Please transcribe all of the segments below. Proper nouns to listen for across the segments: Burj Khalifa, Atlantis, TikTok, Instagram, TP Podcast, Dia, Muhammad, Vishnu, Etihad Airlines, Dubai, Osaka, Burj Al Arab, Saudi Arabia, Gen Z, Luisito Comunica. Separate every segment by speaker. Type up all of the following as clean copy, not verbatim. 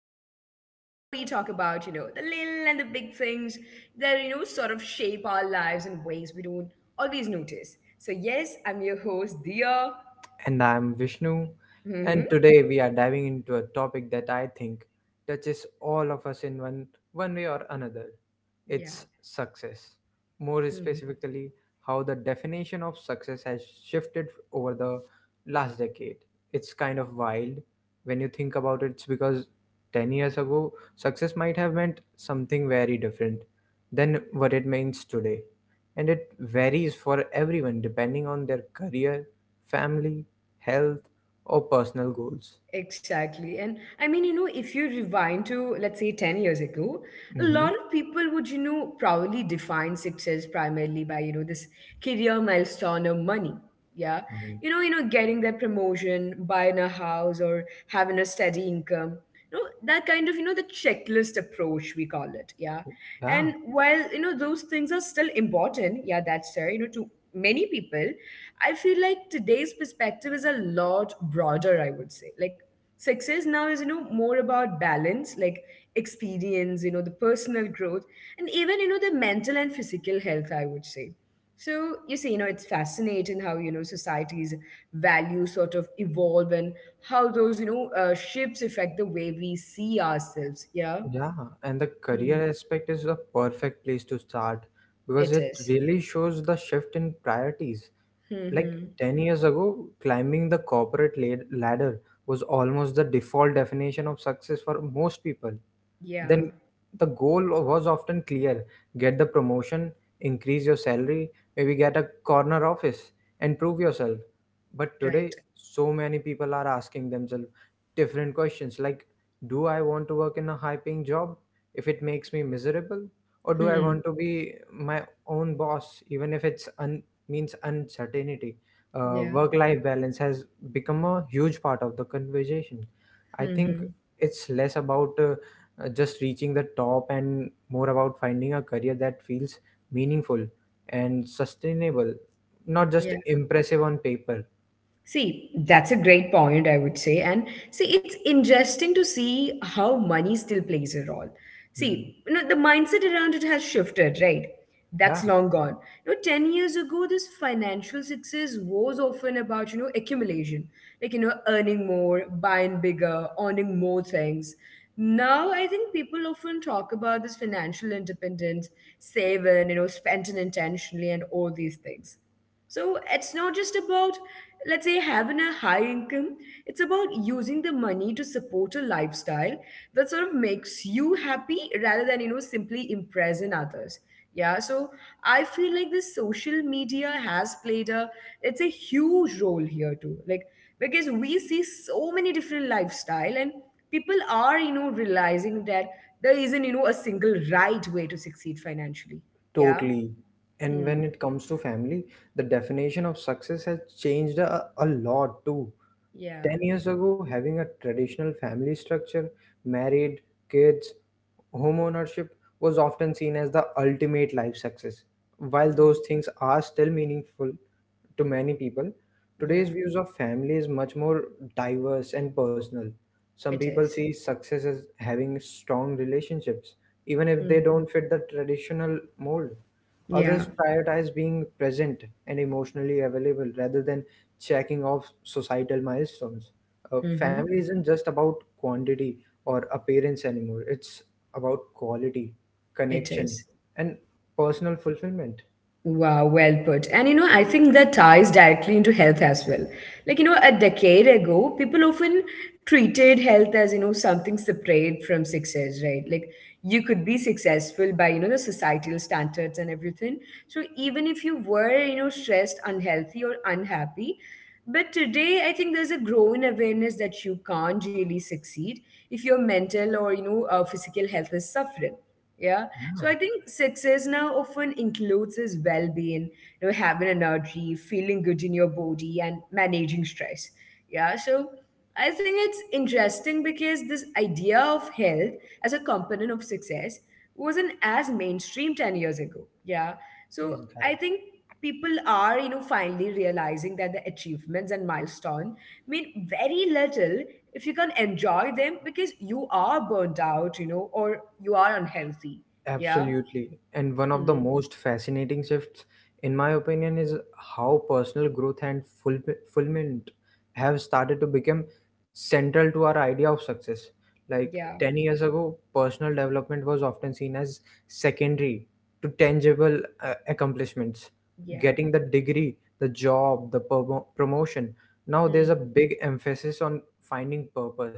Speaker 1: and where we talk about, the little and the big things that, sort of shape our lives in ways we don't always notice. So, yes, I'm your host, Dia.
Speaker 2: And I'm Vishnu.
Speaker 1: Hmm.
Speaker 2: And today we are diving into a topic that I think touches all of us in one way or another.
Speaker 1: Yeah.
Speaker 2: It's success. More
Speaker 1: Hmm.
Speaker 2: specifically, how the definition of success has shifted over the last decade. It's kind of wild when you think about it, because 10 years ago, success might have meant something very different than what it means today, and it varies for everyone depending on their career, family, health, or personal goals.
Speaker 1: Exactly. And I mean, if you rewind to, let's say, 10 years ago, a
Speaker 2: Hmm
Speaker 1: lot of people would, probably define success primarily by, this career milestone of money. Yeah.
Speaker 2: Mhm.
Speaker 1: Getting that promotion, buying a house or having a steady income. That kind of, the checklist approach we call it. Yeah.
Speaker 2: Yeah,
Speaker 1: And while, those things are still important, yeah, that's fair, to many people, I feel like today's perspective is a lot broader, I would say. Like, success now is, more about balance, like experience, the personal growth, and even, the mental and physical health, I would say. So, you see, it's fascinating how, society's values sort of evolve and how those, shifts affect the way we see ourselves. Yeah.
Speaker 2: yeah. And the career
Speaker 1: Hmm.
Speaker 2: aspect is the perfect place to start because
Speaker 1: It
Speaker 2: it
Speaker 1: is.
Speaker 2: really shows the shift in priorities. Like
Speaker 1: Mm-hmm.
Speaker 2: 10 years ago, climbing the corporate ladder was almost the default definition of success for most people.
Speaker 1: Yeah.
Speaker 2: Then the goal was often clear: get the promotion, increase your salary, maybe get a corner office, and prove yourself. But today,
Speaker 1: Right.
Speaker 2: so many people are asking themselves different questions like, do I want to work in a high paying job if it makes me miserable? Or do I
Speaker 1: Hmm.
Speaker 2: want to be my own boss, even if it's un- means uncertainty.
Speaker 1: Yeah.
Speaker 2: Work life balance has become a huge part of the conversation. I think
Speaker 1: Mm-hmm.
Speaker 2: it's less about just reaching the top and more about finding a career that feels meaningful and sustainable, not just
Speaker 1: Yeah.
Speaker 2: impressive on paper.
Speaker 1: See, that's a great point, I would say. And see, it's interesting to see how money still plays a role.
Speaker 2: Hmm.
Speaker 1: See, the mindset around it has shifted, right?
Speaker 2: Yeah,
Speaker 1: That's long gone. 10 years ago, this financial success was often about, accumulation, like, earning more, buying bigger, owning more things. Now, I think people often talk about this financial independence, saving, spending intentionally, and all these things. So it's not just about, let's say, having a high income, it's about using the money to support a lifestyle that sort of makes you happy rather than, simply impressing others. Yeah, so I feel like this social media has it's a huge role here too. Like, because we see so many different lifestyle and people are, realizing that there isn't, a single right way to succeed financially. Yeah.
Speaker 2: totally. And
Speaker 1: Hmm.
Speaker 2: when it comes to family, the definition of success has changed a lot too.
Speaker 1: Yeah.
Speaker 2: 10 years ago, having a traditional family structure, married, kids, home ownership, was often seen as the ultimate life success. While those
Speaker 1: Hmm.
Speaker 2: things are still meaningful to many people, today's
Speaker 1: Yeah,
Speaker 2: views of family is much more diverse and personal. Some
Speaker 1: it
Speaker 2: people
Speaker 1: is.
Speaker 2: see success as having strong relationships, even if they
Speaker 1: Hmm.
Speaker 2: don't fit the traditional mold.
Speaker 1: Yeah.
Speaker 2: Others prioritize being present and emotionally available rather than checking off societal milestones.
Speaker 1: Hmm.
Speaker 2: Family isn't just about quantity or appearance anymore, it's about quality,
Speaker 1: It
Speaker 2: connection,
Speaker 1: is.
Speaker 2: and personal fulfillment.
Speaker 1: Wow, well put. And I think that ties directly into health as well. Like, a decade ago, people often treated health as, something separate from success, right? Like, you could be successful by, the societal standards and everything. So, even if you were, stressed, unhealthy, or unhappy, but today, I think there's a growing awareness that you can't really succeed if your mental or, physical health is suffering. Yeah. So
Speaker 2: Yeah,
Speaker 1: I think success now often includes is well-being, having energy, feeling good in your body, and managing stress. Yeah. So I think it's interesting because this idea of health as a component of success wasn't as mainstream 10 years ago. Yeah.
Speaker 2: is
Speaker 1: So
Speaker 2: that.
Speaker 1: I think people are finally realizing that the achievements and milestone mean very little if you can enjoy them because you are burnt out, or you are unhealthy. Yeah.
Speaker 2: Absolutely. And one of the
Speaker 1: Hmm.
Speaker 2: most fascinating shifts, in my opinion, is how personal growth and fulfillment have started to become central to our idea of success. Like
Speaker 1: Yeah.
Speaker 2: 10 years ago, personal development was often seen as secondary to tangible accomplishments.
Speaker 1: Yeah.
Speaker 2: Getting the degree, the job, the promotion. Now there's a
Speaker 1: Hmm.
Speaker 2: big emphasis on finding purpose,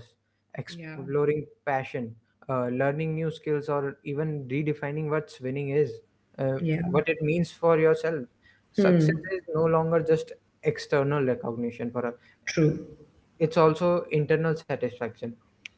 Speaker 1: Yeah.
Speaker 2: exploring passion, learning new skills, or even redefining what winning is, uh,
Speaker 1: Yeah.
Speaker 2: what it means for yourself.
Speaker 1: Hmm.
Speaker 2: Success is no longer just external recognition for us,
Speaker 1: True.
Speaker 2: it's also internal satisfaction,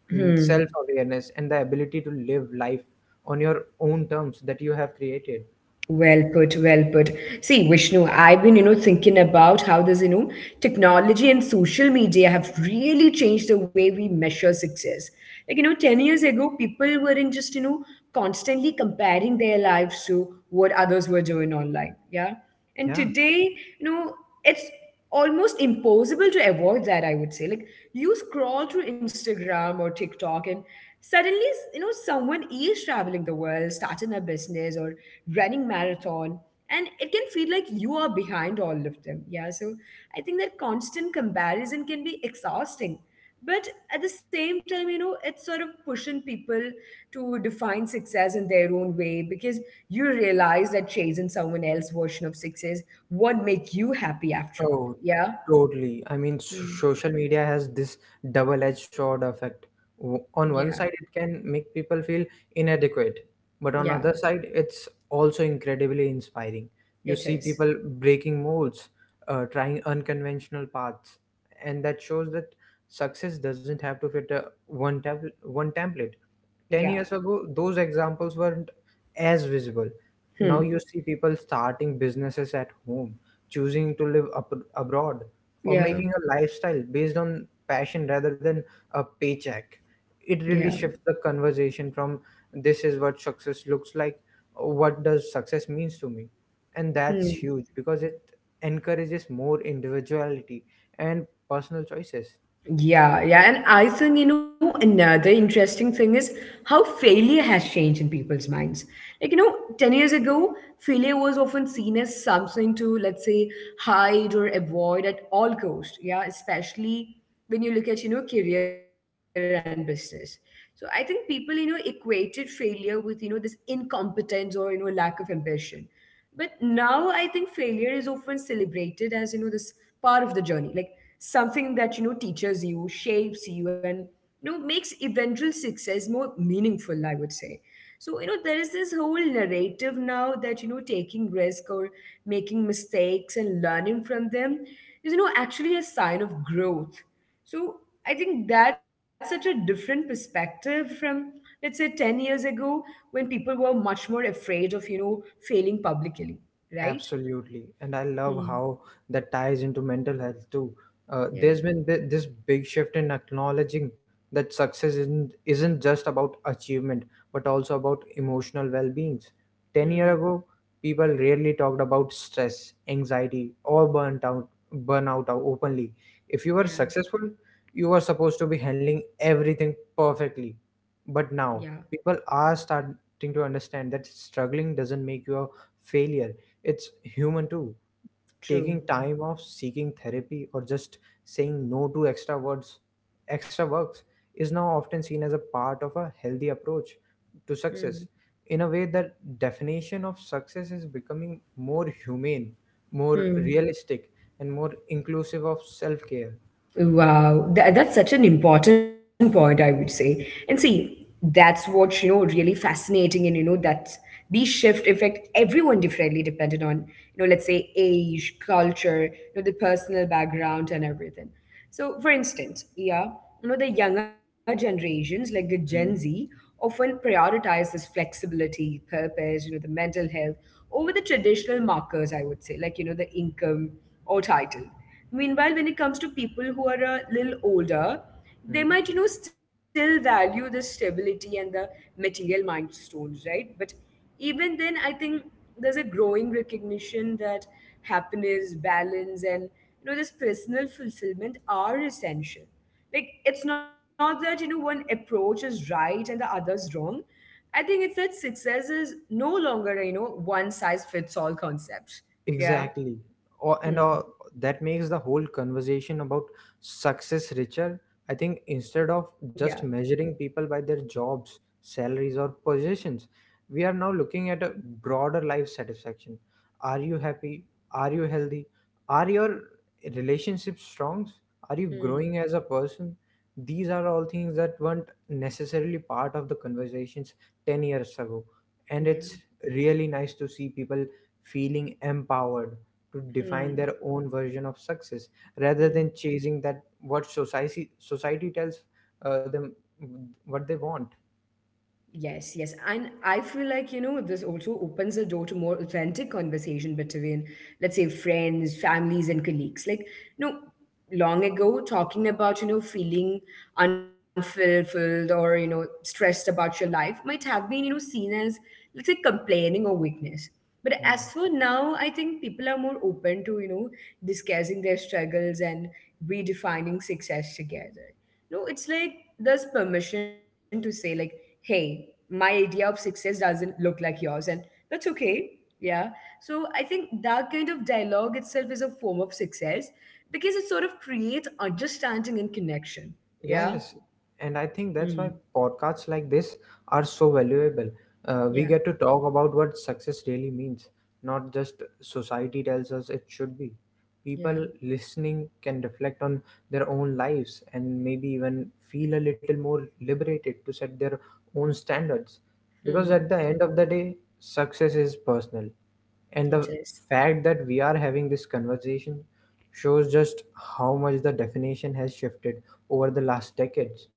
Speaker 1: Hmm.
Speaker 2: self awareness, and the ability to live life on your own terms that you have created.
Speaker 1: Well put, well put. See, Vishnu, I've been, thinking about how this, technology and social media have really changed the way we measure success. Like, 10 years ago, people weren't just, constantly comparing their lives to what others were doing online. Yeah. And
Speaker 2: Yeah.
Speaker 1: today, it's almost impossible to avoid that, I would say. Like, you scroll through Instagram or TikTok, and suddenly someone is traveling the world, starting a business, or running marathon, and it can feel like you are behind all of them. Yeah. So I think that constant comparison can be exhausting, but at the same time, it's sort of pushing people to define success in their own way, because you realize that chasing someone else's version of success, what make you happy after all.
Speaker 2: Oh,
Speaker 1: Yeah.
Speaker 2: totally. I mean,
Speaker 1: Hmm.
Speaker 2: social media has this double-edged sword effect. On one
Speaker 1: Yeah.
Speaker 2: side, it can make people feel inadequate, but on
Speaker 1: Yeah.
Speaker 2: other side, it's also incredibly inspiring. You
Speaker 1: It
Speaker 2: see
Speaker 1: is.
Speaker 2: people breaking molds, trying unconventional paths, and that shows that success doesn't have to fit a one template. 10
Speaker 1: Yeah.
Speaker 2: years ago, those examples weren't as visible.
Speaker 1: Hmm.
Speaker 2: Now you see people starting businesses at home, choosing to live up, abroad, or
Speaker 1: Yeah.
Speaker 2: making a lifestyle based on passion rather than a paycheck. It
Speaker 1: Yeah.
Speaker 2: really shifts the conversation from, this is what success looks like, what does success means to me. And
Speaker 1: Hmm.
Speaker 2: that's huge because it encourages more individuality and personal choices.
Speaker 1: Yeah, yeah. And I think, another interesting thing is how failure has changed in people's minds. Like, 10 years ago, failure was often seen as something to, let's say, hide or avoid at all costs. Yeah, especially when you look at, career and business. So I think people, equated failure with, this incompetence or, lack of ambition, but now I think failure is often celebrated as this part of the journey, like something that teaches you, shapes you, and makes eventual success more meaningful, I would say. So there is this whole narrative now that taking risk or making mistakes and learning from them is actually a sign of growth. So I think that's such a different perspective from, let's say, 10 years ago when people were much more afraid of, failing publicly, right?
Speaker 2: Absolutely. And I love
Speaker 1: Hmm.
Speaker 2: how that ties into mental health too.
Speaker 1: Yeah.
Speaker 2: There's been this big shift in acknowledging that success isn't just about achievement, but also about emotional well being. 10 years
Speaker 1: Hmm.
Speaker 2: ago, people rarely talked about stress, anxiety, or burnt out, burnout out openly. If you were
Speaker 1: Yeah.
Speaker 2: successful, you were supposed to be handling everything perfectly. But
Speaker 1: Yeah.
Speaker 2: now, people are starting to understand that struggling doesn't make you a failure, it's human too. Taking
Speaker 1: True.
Speaker 2: time off, seeking therapy, or just saying no to extra works, is now often seen as a part of a healthy approach to
Speaker 1: Hmm.
Speaker 2: success. In a way, the definition of success is becoming more humane, more
Speaker 1: Hmm.
Speaker 2: realistic, and more inclusive of self care.
Speaker 1: Wow, that's such an important point, I would say. And see, that's what, really fascinating and, that these shifts affect everyone differently depending on, let's say age, culture, the personal background and everything. So, for instance, yeah, the younger generations, like the Gen Z, often prioritize this flexibility, purpose, the mental health over the traditional markers, I would say, like, the income or title. Meanwhile, when it comes to people who are a little older, they might, still value the stability and the material milestones, right? But even then, I think there's a growing recognition that happiness, balance, and, this personal fulfillment are essential. Like, it's not that, one approach is right and the other is wrong. I think it's that success is no longer, one size fits all concept. Yeah.
Speaker 2: Exactly. Or, and
Speaker 1: Hmm.
Speaker 2: That makes the whole conversation about success richer. I think instead of
Speaker 1: Yeah.
Speaker 2: just measuring people by their jobs, salaries, or positions, we are now looking at a broader life satisfaction. Are you happy? Are you healthy? Are your relationships strong? Are you growing as a person? These are all things that weren't necessarily part of the conversations 10 years ago. And
Speaker 1: Yeah.
Speaker 2: it's really nice to see people feeling empowered to define
Speaker 1: Hmm.
Speaker 2: their own version of success rather
Speaker 1: Hmm.
Speaker 2: than chasing that what society tells them what they want.
Speaker 1: Yes, yes. And I feel like, this also opens the door to more authentic conversation between, let's say, friends, families, and colleagues. Like, you know, long ago, talking about, feeling unfulfilled or, stressed about your life might have been, seen as, let's say, complaining or weakness. But
Speaker 2: Hmm.
Speaker 1: as for now, I think people are more open to, discussing their struggles and redefining success together. No, it's like there's permission to say like, hey, my idea of success doesn't look like yours, and that's okay. Yeah. So I think that kind of dialogue itself is a form of success because it sort of creates understanding and connection. Yeah.
Speaker 2: Yes, and I
Speaker 1: Mm.
Speaker 2: think that's why podcasts like this are so valuable. We
Speaker 1: Yeah.
Speaker 2: get to talk about what success really means, not just society tells us it should be.
Speaker 1: Yeah.
Speaker 2: People listening can reflect on their own lives and maybe even feel a little more liberated to set their own standards. Because
Speaker 1: Hmm.
Speaker 2: at the end of the day, success is personal. And
Speaker 1: It
Speaker 2: the
Speaker 1: is.
Speaker 2: fact that we are having this conversation shows just how much the definition has shifted over the last decades.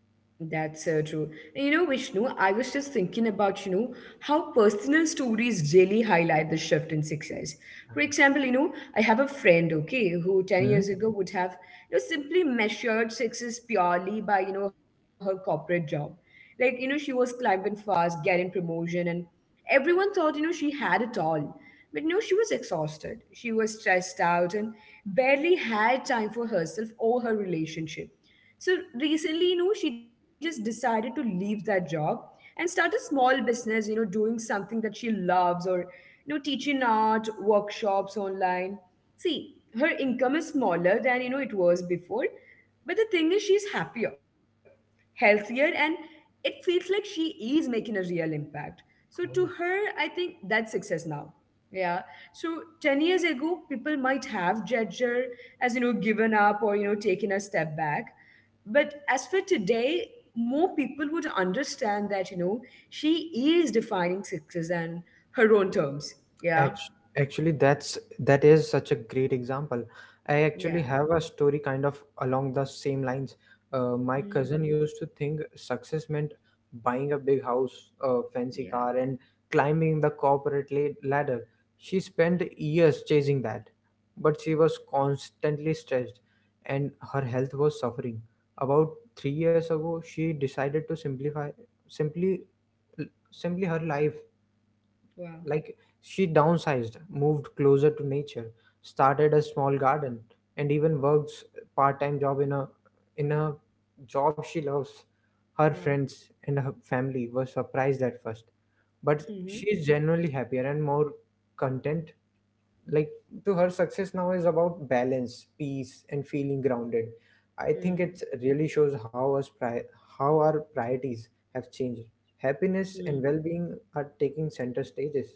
Speaker 1: That's so true. And Vishnu, I was just thinking about, how personal stories really highlight the shift in success. For example, I have a friend, okay, who 10
Speaker 2: Hmm?
Speaker 1: years ago would have, simply measured success purely by, her corporate job. Like, she was climbing fast, getting promotion, and everyone thought, she had it all. But, she was exhausted. She was stressed out and barely had time for herself or her relationship. So recently, she just decided to leave that job and start a small business, doing something that she loves, or, teaching art, workshops online. See, her income is smaller than, it was before, but the thing is, she's happier, healthier, and it feels like she is making a real impact. So to her, I think that's success now. Yeah. So 10 years ago, people might have judged her as, given up or, taken a step back. But as for today, more people would understand that, she is defining success and her own terms. Yeah.
Speaker 2: Actually, that is such a great example. I actually
Speaker 1: Yeah.
Speaker 2: have a story kind of along the same lines. My cousin
Speaker 1: Mhm.
Speaker 2: used to think success meant buying a big house, a fancy
Speaker 1: Yeah.
Speaker 2: car, and climbing the corporate ladder. She spent years chasing that, but she was constantly stressed, and her health was suffering. About 3 years ago, she decided to simplify, simply, simply her life.
Speaker 1: Wow.
Speaker 2: Like, she downsized, moved closer to nature, started a small garden, and even works part-time job in a job she loves. Her
Speaker 1: Wow.
Speaker 2: friends and her family were surprised at first, but she
Speaker 1: Hmm.
Speaker 2: is genuinely happier and more content. Like, to her, success now is about balance, peace, and feeling grounded. I think it really shows how how our priorities have changed. Happiness
Speaker 1: Hmm.
Speaker 2: and well-being are taking center stages.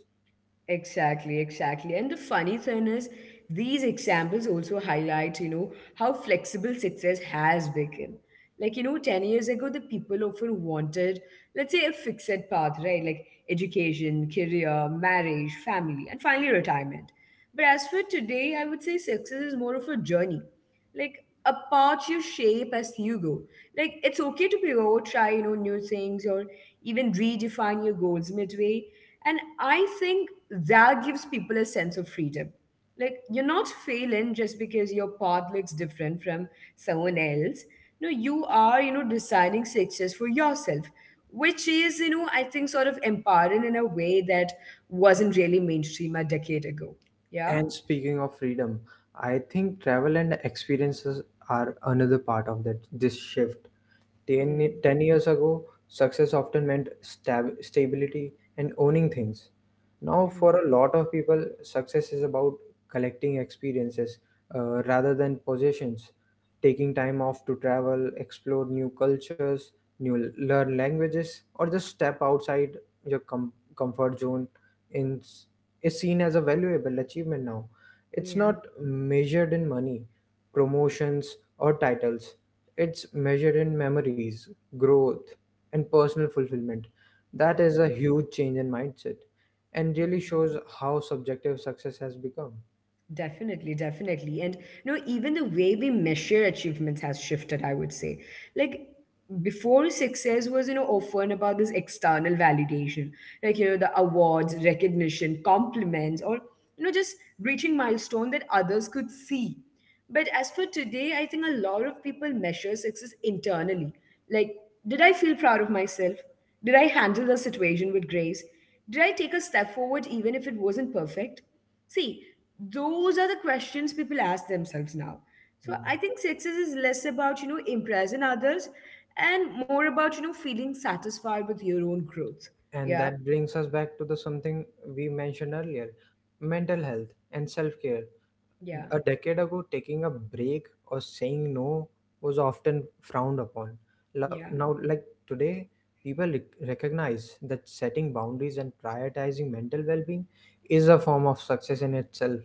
Speaker 1: Exactly, exactly. And the funny thing is, these examples also highlight, how flexible success has become. Like, 10 years ago, the people often wanted, let's say, a fixed path, right? Like education, career, marriage, family, and finally retirement. But as for today, I would say success is more of a journey, like apart you shape as you go. Like, it's okay to pivot, try new things, or even redefine your goals midway, and I think that gives people a sense of freedom. Like, you're not failing just because your path looks different from someone else. No, you are designing success for yourself, which is, I think, sort of empowering in a way that wasn't really mainstream a decade ago. Yeah.
Speaker 2: And speaking of freedom, I think travel and experiences are another part of that this shift. ten
Speaker 1: Hmm.
Speaker 2: 10 years ago, success often meant stability and owning things. Now,
Speaker 1: Hmm.
Speaker 2: for a lot of people, success is about collecting experiences, rather than possessions, taking time off to travel, explore new cultures, new learn languages, or just step outside your comfort zone, in, is seen as a valuable achievement now. It's
Speaker 1: Yeah.
Speaker 2: not measured in money, promotions, or titles. It's measured in memories, growth, and personal fulfillment. That
Speaker 1: Yeah.
Speaker 2: is a huge change in mindset and
Speaker 1: Mm.
Speaker 2: really shows how subjective success has become.
Speaker 1: Definitely, definitely. And even the way we measure achievements has shifted, I would say. Like before, success was, often about this external validation like the awards recognition compliments or just reaching milestone that others could see. But as for today, I think a lot of people measure success internally. Like, did I feel proud of myself? Did I handle the situation with grace? Did I take a step forward even if it wasn't perfect? See, those are the questions people ask themselves now. So I
Speaker 2: Mm.
Speaker 1: think success is less about impressing others and more about feeling satisfied with your own growth.
Speaker 2: And
Speaker 1: Yeah
Speaker 2: that brings us back to the something we mentioned earlier, mental health and self-care.
Speaker 1: Yeah,
Speaker 2: A decade ago, taking a break or saying no was often frowned upon.
Speaker 1: yeah,
Speaker 2: Now, like today, people recognize that setting boundaries and prioritizing mental well being is a form of success in itself.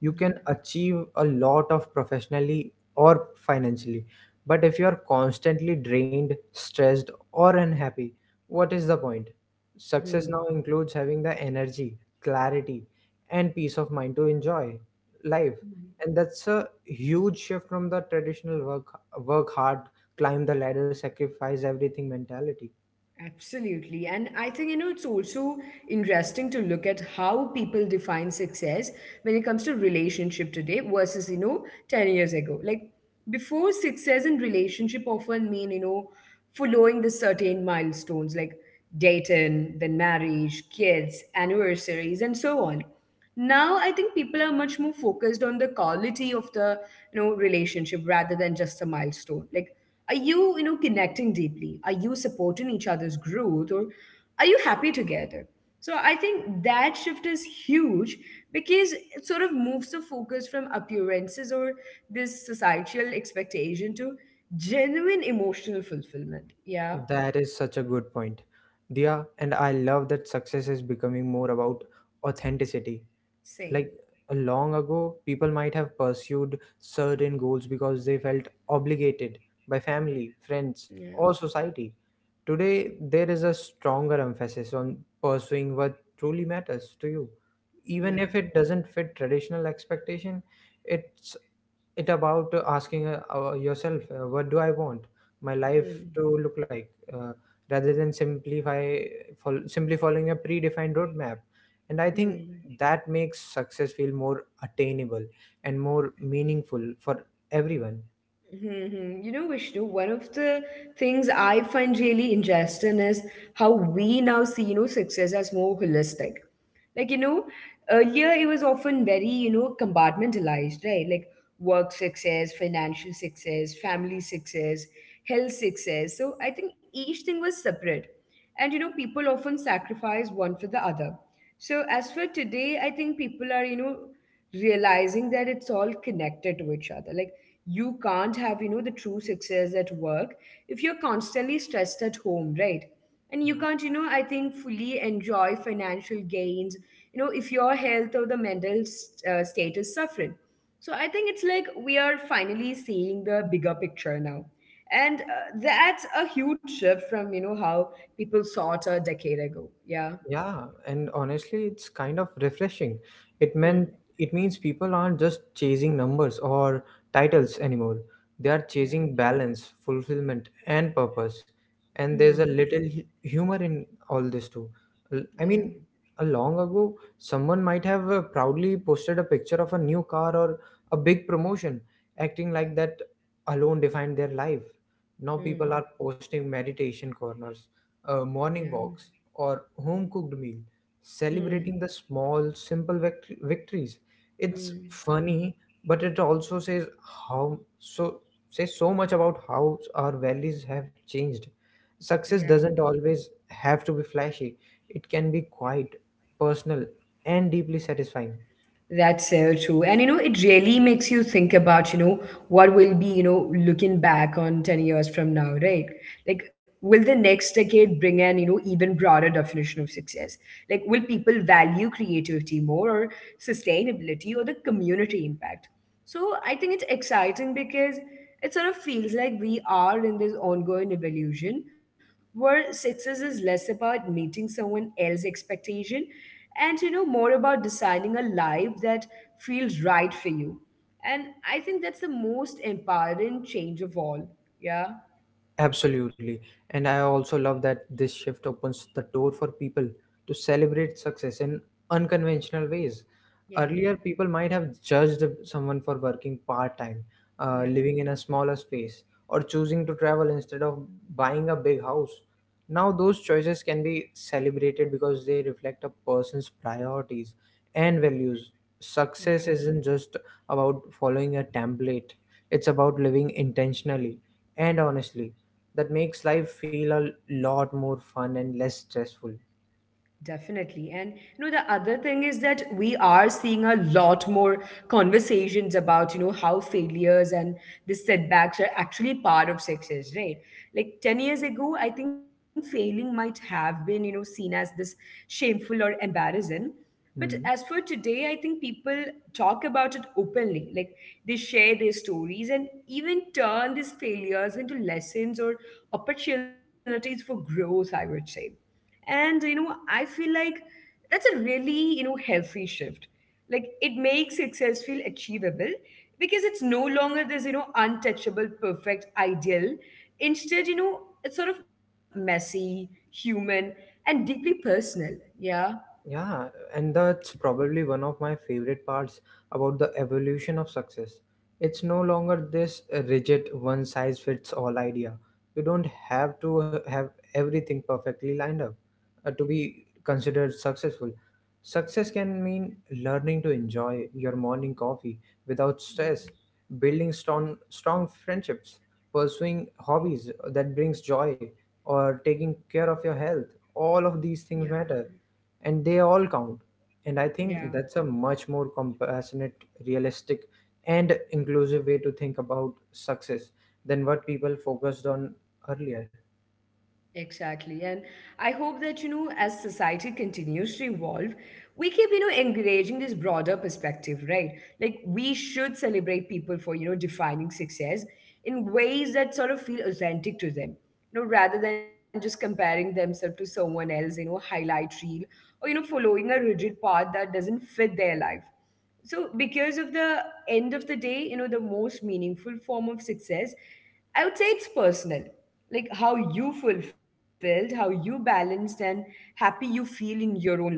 Speaker 2: You can
Speaker 1: yeah.
Speaker 2: achieve a lot of professionally or financially, but if you're constantly drained, stressed, or unhappy, what is the point?
Speaker 1: Hmm.
Speaker 2: Success now
Speaker 1: Mhm.
Speaker 2: includes having the energy, clarity, and peace of mind to enjoy life, and that's a huge shift from the traditional work hard, climb the ladder, sacrifice everything mentality.
Speaker 1: Absolutely. And I think, you know, it's also interesting to look at how people define success when it comes to relationship today versus, you know, 10 years ago. Like before, success in relationship often mean, following the certain milestones like dating, then marriage, kids, anniversaries, and so on. Now I think people are much more focused on the quality of the relationship rather than just a milestone. Like, are you you know connecting deeply? Are you supporting each other's growth? Or are you happy together? So I think that shift is huge because it sort of moves the focus from appearances or this societal expectation to genuine emotional fulfillment. Yeah.
Speaker 2: That is such a good point, Dia, and I love that success is becoming more about authenticity.
Speaker 1: Same.
Speaker 2: Like, long ago people might have pursued certain goals because they felt obligated by family, friends,
Speaker 1: Yeah,
Speaker 2: or society. Today, there is a stronger emphasis on pursuing what truly matters to you. Even
Speaker 1: yeah.
Speaker 2: if it doesn't fit traditional expectation, it's it about asking yourself, what do I want my life
Speaker 1: Hmm.
Speaker 2: to look like, rather than simply following a predefined roadmap. And I think
Speaker 1: Hmm.
Speaker 2: that makes success feel more attainable and more meaningful for everyone.
Speaker 1: Mm-hmm. You know, Vishnu, one of the things I find really interesting is how we now see, you know, success as more holistic. Like, you know, earlier it was often very, you know, compartmentalized, right? Like work success, financial success, family success, health success. So I think each thing was separate. And you know, people often sacrifice one for the other. So, as for today, I think people are, you know, realizing that it's all connected to each other. Like, you can't have, you know, the true success at work if you're constantly stressed at home, right? And you
Speaker 2: Yeah,
Speaker 1: can't, you know, I think fully enjoy financial gains, you know, if your health or the mental state is suffering. So I think it's like we are finally seeing the bigger picture now. And that's a huge shift from, you know, how people saw it a decade ago. Yeah.
Speaker 2: Yeah, and honestly, it's kind of refreshing. It
Speaker 1: Hmm.
Speaker 2: meant it means people aren't just chasing numbers or titles anymore. They are
Speaker 1: Yeah.
Speaker 2: chasing balance, fulfillment, and purpose. And there's a
Speaker 1: Hmm.
Speaker 2: little humor in all this too. I
Speaker 1: Yeah.
Speaker 2: mean, a long ago, someone might have proudly posted a picture of a new car or a big promotion, acting
Speaker 1: Yeah.
Speaker 2: like that alone defined their life. Now people
Speaker 1: Hmm.
Speaker 2: are posting meditation corners, morning
Speaker 1: Yeah.
Speaker 2: walks, or home cooked meal,
Speaker 1: Hmm.
Speaker 2: celebrating the small, simple victories. It's
Speaker 1: Hmm.
Speaker 2: funny, but it also says how so says so much about how our values have changed. Success
Speaker 1: Yeah.
Speaker 2: doesn't always have to be flashy. It can be quiet, personal, and deeply satisfying.
Speaker 1: That's so true. And, you know, it really makes you think about, you know, what will be, you know, looking back on 10 years from now, right? Like, will the next decade bring an, you know, even broader definition of success? Like, will people value creativity more, or sustainability, or the community impact? So I think it's exciting because it sort of feels like we are in this ongoing evolution where success is less about meeting someone else's expectation and, you know, more about designing a life that feels right for you. And I think that's the most empowering change of all. Yeah.
Speaker 2: Absolutely. And I also love that this shift opens the door for people to celebrate success in unconventional ways.
Speaker 1: Yeah.
Speaker 2: Earlier, people might have judged someone for working part time,
Speaker 1: Yeah,
Speaker 2: living in a smaller space, or choosing to travel instead of buying a big house. Now, those choices can be celebrated because they reflect a person's priorities and values.
Speaker 1: yeah,
Speaker 2: Success isn't just about following a template, it's about living intentionally, and honestly that makes life feel a lot more fun and less stressful.
Speaker 1: definitely. And you know, the other thing is that we are seeing a lot more conversations about, you know, how failures and the setbacks are actually part of success, right? Like 10 years ago, I think failing might have been, you know, seen as this shameful or embarrassing. But
Speaker 2: Hmm.
Speaker 1: as for today, I think people talk about it openly. Like they share their stories and even turn these failures into lessons or opportunities for growth, I would say. And I feel like that's a really, healthy shift. Like it makes success feel achievable because it's no longer this, untouchable perfect ideal. Instead, it's sort of messy, human, and deeply personal. Yeah.
Speaker 2: Yeah, and that's probably one of my favorite parts about the evolution of success. It's no longer this rigid one size fits all idea. You don't have to have everything perfectly lined up to be considered successful. Success can mean learning to enjoy your morning coffee without
Speaker 1: Yeah.
Speaker 2: stress, building strong friendships, pursuing hobbies that brings joy, or taking care of your health. All of
Speaker 1: Yeah.
Speaker 2: these things matter, and they all count, and I
Speaker 1: Yeah.
Speaker 2: think that's a much more compassionate, realistic, and inclusive way to think about success than what people focused on earlier.
Speaker 1: Exactly. And I hope that, you know, as society continues to evolve, we keep, you know, encouraging this broader perspective, right? Like we should celebrate people for, you know, defining success in ways that sort of feel authentic to them. You know, rather than just comparing themselves to someone else, you know, highlight reel, or, you know, following a rigid path that doesn't fit their life. So because of the end of the day, the most meaningful form of success, I would say, it's personal. Like how you fulfilled, how you balanced, and happy you feel in your own life.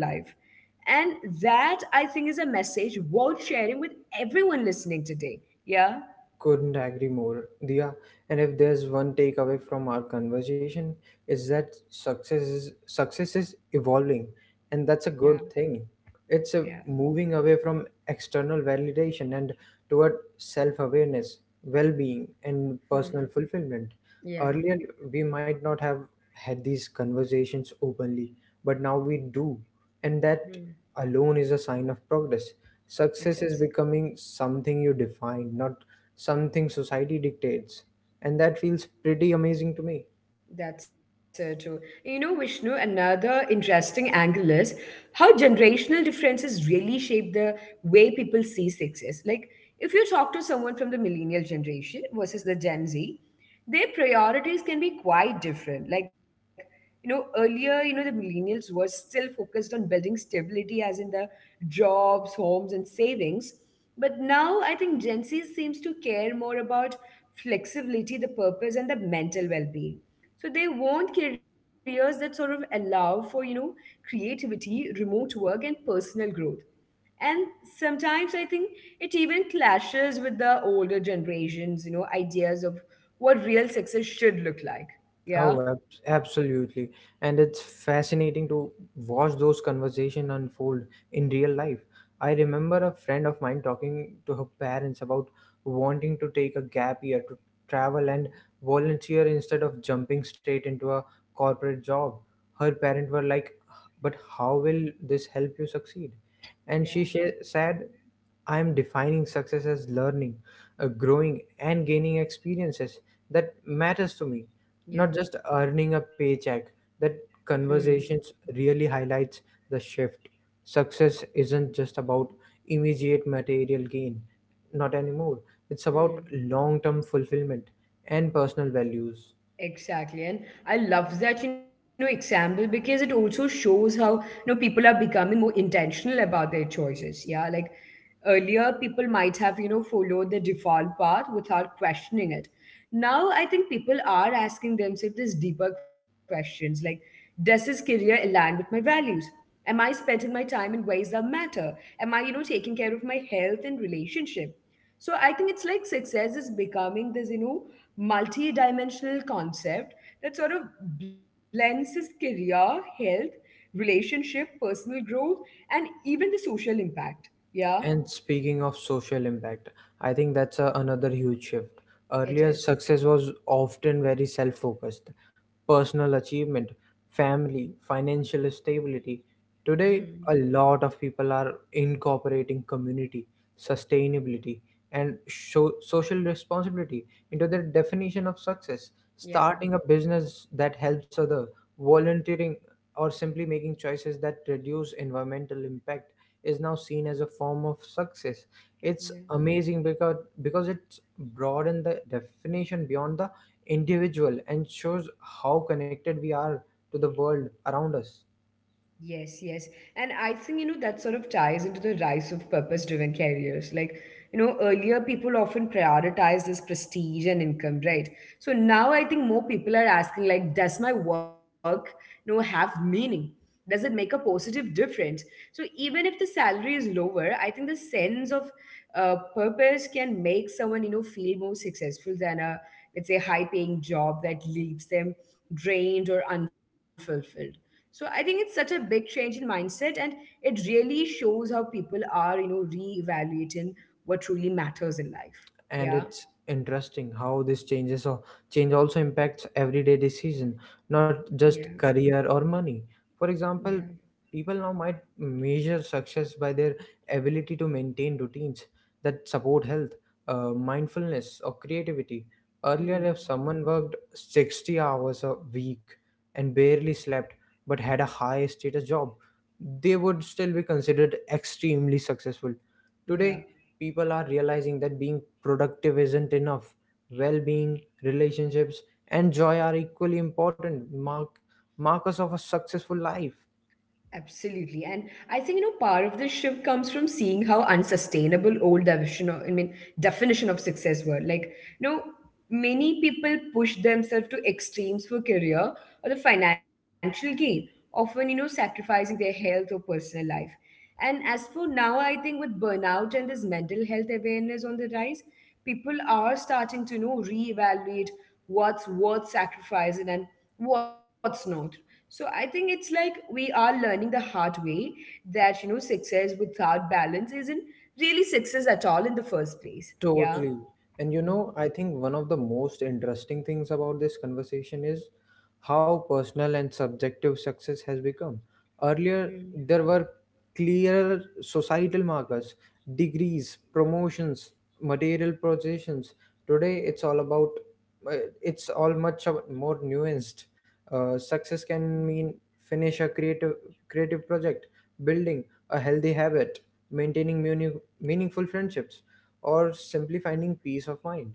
Speaker 1: And that, I think, is a message worth sharing with everyone listening today. Yeah.
Speaker 2: Couldn't agree more, Dia. And if there's one takeaway from our conversation, is that success is evolving, and that's a
Speaker 1: Yeah.
Speaker 2: good thing. It's a
Speaker 1: Yeah.
Speaker 2: moving away from external validation and toward self-awareness, well-being, and
Speaker 1: Hmm.
Speaker 2: personal fulfillment.
Speaker 1: Yeah.
Speaker 2: Earlier, we might not have had these conversations openly, but now we do, and that
Speaker 1: Hmm.
Speaker 2: alone is a sign of progress.
Speaker 1: It
Speaker 2: Success is
Speaker 1: is.
Speaker 2: becoming something you define, not something society dictates, and that feels pretty amazing to me.
Speaker 1: That's so true. You know, Vishnu, another interesting angle is how generational differences really shape the way people see success. Like, if you talk to someone from the millennial generation versus the Gen Z, their priorities can be quite different. Like, you know, earlier, you know, the millennials were still focused on building stability, as in the jobs, homes, and savings. But now I think Gen Z seems to care more about flexibility, the purpose, and the mental well being. So they want careers that sort of allow for, you know, creativity, remote work, and personal growth. And sometimes I think it even clashes with the older generations, you know, ideas of what real success should look like. Yeah.
Speaker 2: Oh, ab- Absolutely. And it's fascinating to watch those conversations unfold in real life. I remember a friend of mine talking to her parents about wanting to take a gap year to travel and volunteer instead of jumping straight into a corporate job. Her parents were like, "But how will this help you succeed?" And
Speaker 1: Yeah.
Speaker 2: she said, "I am defining success as learning, growing, and gaining experiences that matters to me,
Speaker 1: Yeah.
Speaker 2: not just earning a paycheck." That
Speaker 1: Hmm.
Speaker 2: conversations really highlights the shift. Success isn't just about immediate material gain, not anymore. It's about
Speaker 1: Hmm.
Speaker 2: long term fulfillment and personal values.
Speaker 1: Exactly. And I love that, you know, example because it also shows how, you know, people are becoming more intentional about their choices. Yeah. Like earlier, people might have, you know, followed the default path without questioning it. Now, I think people are asking themselves these deeper questions like, does this career align with my values? Am I spending my time in ways that matter? Am I, you know, taking care of my health and relationship? So I think it's like success is becoming this, you know, multi-dimensional concept that sort of blends his career, health, relationship, personal growth, and even the social impact. Yeah.
Speaker 2: And speaking of social impact, I think that's another huge shift.
Speaker 1: It
Speaker 2: Earlier,
Speaker 1: is.
Speaker 2: success was often very self focused: personal achievement, family, financial stability. Today,
Speaker 1: Hmm.
Speaker 2: a lot of people are incorporating community, sustainability, and social responsibility into their definition of success.
Speaker 1: Yeah.
Speaker 2: Starting a business that helps others, volunteering, or simply making choices that reduce environmental impact is now seen as a form of success. It's
Speaker 1: Yeah.
Speaker 2: amazing because it's broadened the definition beyond the individual and shows how connected we are to the world around us.
Speaker 1: Yes, yes. And I think, you know, that sort of ties into the rise of purpose-driven careers. Like, you know, earlier people often prioritize this prestige and income, right? So now I think more people are asking, like, does my work, you know, have meaning? Does it make a positive difference? So even if the salary is lower, I think the sense of purpose can make someone, you know, feel more successful than a, let's say, high-paying job that leaves them drained or unfulfilled. So I think it's such a big change in mindset, and it really shows how people are, you know, reevaluating what truly matters in life.
Speaker 2: And
Speaker 1: Yeah,
Speaker 2: it's interesting how this change also impacts everyday decision, not
Speaker 1: yeah,
Speaker 2: just career or money. For
Speaker 1: yeah.
Speaker 2: example, people now might measure success by their ability to maintain routines that support health, mindfulness, or creativity. Earlier,
Speaker 1: Hmm.
Speaker 2: if someone worked 60 hours a week and barely slept but had a high status job, they would still be considered extremely successful. Today,
Speaker 1: Yeah.
Speaker 2: people are realizing that being productive isn't enough. Well being, relationships, and joy are equally important markers of a successful life.
Speaker 1: Absolutely. And I think, you know, part of this shift comes from seeing how unsustainable old definition of, I mean, definition of success were. Like, you know, many people push themselves to extremes for career or the financial gain, often, you know, sacrificing their health or personal life. And as for now, I think with burnout and this mental health awareness on the rise, people are starting to, you know, reevaluate what's worth sacrificing and what's not. So I think it's like we are learning the hard way that, you know, success without balance isn't really success at all in the first place. Yeah.
Speaker 2: Totally. And you know, I think one of the most interesting things about this conversation is how personal and subjective success has become. Earlier,
Speaker 1: Mhm.
Speaker 2: there were clearer societal markers: degrees, promotions, material possessions. Today, it's all about, uh, it's all more nuanced. Success
Speaker 1: Mhm.
Speaker 2: can mean finish a creative project, building a healthy habit, maintaining meaning, meaningful friendships, or simply finding peace of mind.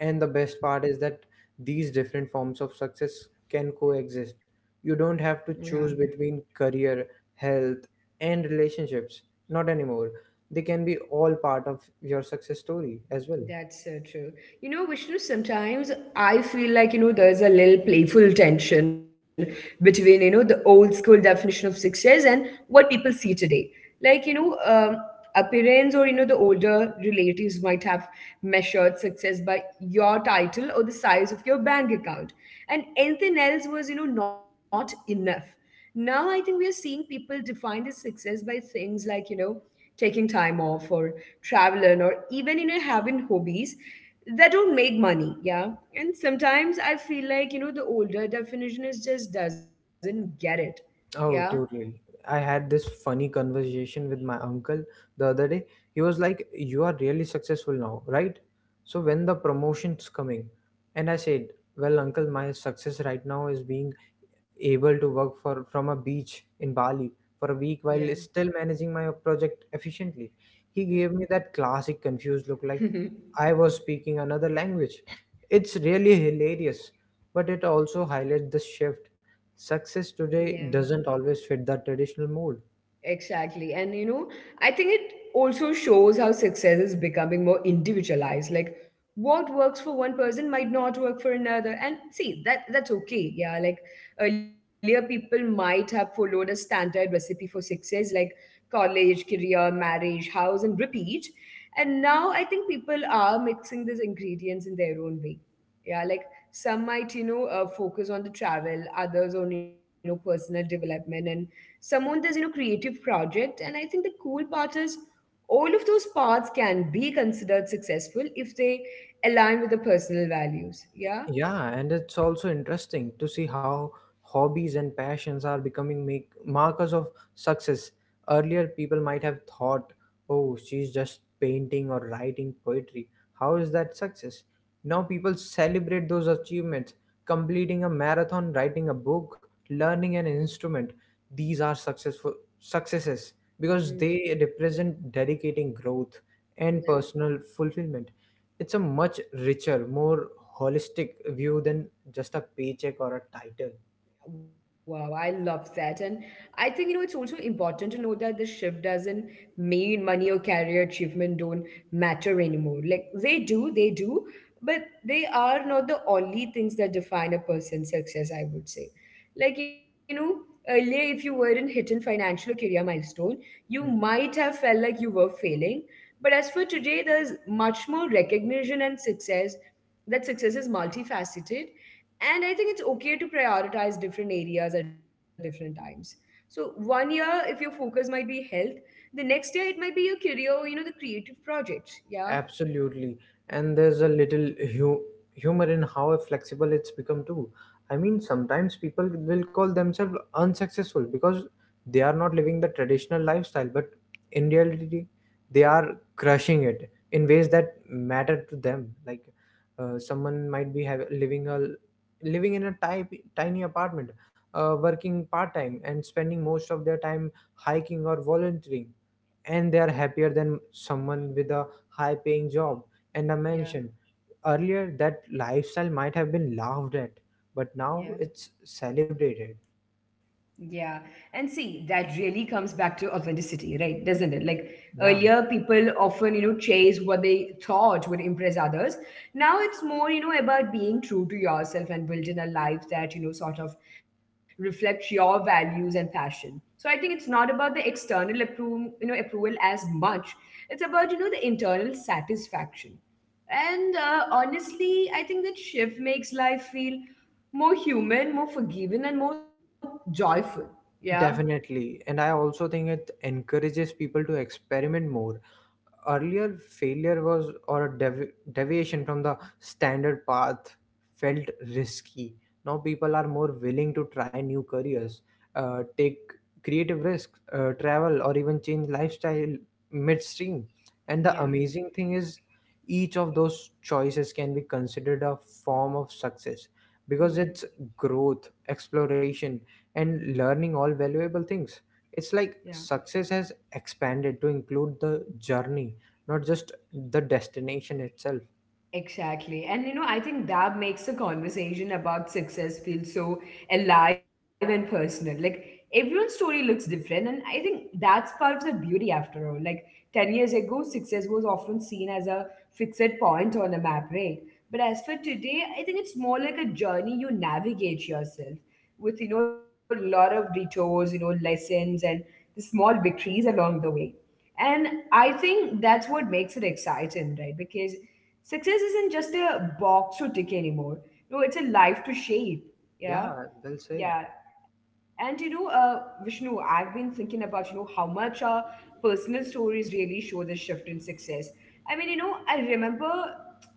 Speaker 2: And the best part is that these different forms of success can coexist. You don't have
Speaker 1: Yeah.
Speaker 2: to choose between career, health, and relationships. Not anymore. They can be all part of your success story as well.
Speaker 1: That's so true. You know, Vishnu, sometimes I feel like, you know, there's a little playful tension between, you know, the old school definition of success and what people see today. Like, appearance or, you know, the older relatives might have measured success by your title or the size of your bank account. And anything else was, you know, not enough. Now I think we are seeing people define the success by things like, you know, taking time off, or traveling, or even, having hobbies that don't make money. Yeah. And sometimes I feel like, the older definition is just doesn't get it. Yeah.
Speaker 2: Oh, totally. I had this funny conversation with my uncle the other day. He was like, "You are really successful now, right? So when the promotion's coming?" And I said, "Well, uncle, my success right now is being able to work for from a beach in Bali for a week
Speaker 1: Yeah.
Speaker 2: while still managing my project efficiently." He gave me that classic confused look like
Speaker 1: Hmm.
Speaker 2: I was speaking another language. It's really hilarious, but it also highlights the shift. Success
Speaker 1: Yeah.
Speaker 2: today doesn't always fit the traditional mold.
Speaker 1: Exactly. And you know, I think it also shows how success is becoming more individualized. Like what works for one person might not work for another. And see, that's okay. Yeah, like earlier people might have followed a standard recipe for success like college, career, marriage, house and repeat. And now I think people are mixing these ingredients in their own way. Yeah, like some might, you know, focus on the travel, others on, you know, personal development, and someone does, creative project. And I think the cool part is all of those paths can be considered successful if they align with the personal values. Yeah.
Speaker 2: Yeah, and it's also interesting to see how hobbies and passions are becoming make markers of success. Earlier, people might have thought, "Oh, she's just painting or writing poetry. How is that success?" Now people celebrate those achievements: completing a marathon, writing a book, learning an instrument. These are successful successes because
Speaker 1: Mm.
Speaker 2: they represent dedicating growth and personal fulfillment. It's a much richer, more holistic view than just a paycheck or a title.
Speaker 1: Wow, I love that. And I think, you know, it's also important to know that the shift doesn't mean money or career achievement don't matter anymore. Like they do, but they are not the only things that define a person's success, I would say. Like, you know, earlier if you weren't hitting financial or career milestone, you
Speaker 2: Hmm.
Speaker 1: might have felt like you were failing. But as for today, there's much more recognition and success that success is multifaceted, and I think it's okay to prioritize different areas at different times. So one year if your focus might be health, the next year it might be your career, you know, the creative projects. Yeah
Speaker 2: Absolutely. And there's a little hu- humor in how flexible it's become too. I mean, sometimes people will call themselves unsuccessful because they are not living the traditional lifestyle, but in reality, they are crushing it in ways that matter to them. Like, someone might be have, living a living in a tiny apartment, working part time, and spending most of their time hiking or volunteering, and they are happier than someone with a high paying job and a
Speaker 1: Yeah,
Speaker 2: mansion. Earlier, that lifestyle might have been laughed at, but now
Speaker 1: yeah,
Speaker 2: it's celebrated.
Speaker 1: yeah. And see, that really comes back to authenticity, right? Doesn't it? Like
Speaker 2: Yeah,
Speaker 1: earlier, people often, you know, chase what they thought would impress others. Now it's more, you know, about being true to yourself and building a life that, you know, sort of reflects your values and passion. So I think it's not about the external approval, you know, approval as much. It's about, you know, the internal satisfaction. And honestly, I think that shift makes life feel more human, more forgiving, and more joyful. Yeah.
Speaker 2: definitely. And I also think it encourages people to experiment more. Earlier, failure was or a deviation from the standard path felt risky. Now people are more willing to try new careers, take creative risks, travel, or even change lifestyle midstream. And the
Speaker 1: Yeah.
Speaker 2: amazing thing is each of those choices can be considered a form of success because
Speaker 1: Hmm.
Speaker 2: it's growth, exploration, and learning, all valuable things. It's
Speaker 1: Yeah.
Speaker 2: like success has expanded to include the journey, not just the destination itself.
Speaker 1: Exactly. And you know, I think that makes the conversation about success feel so alive and personal. Like everyone's story looks different. And I think that's part of the beauty after all. Like 10 years ago, success was often seen as a fixed point on a map, right? But as for today, I think it's more like a journey you navigate yourself with, you know, a lot of detours, you know, lessons and the small victories along the way. And I think that's what makes it exciting, right? Because success isn't just a box to tick anymore. No, it's a life to shape. Yeah.
Speaker 2: Yeah, well said.
Speaker 1: Yeah. And you know, Vishnu, I've been thinking about, you know, how much our personal stories really show the shift in success. I mean, you know, I remember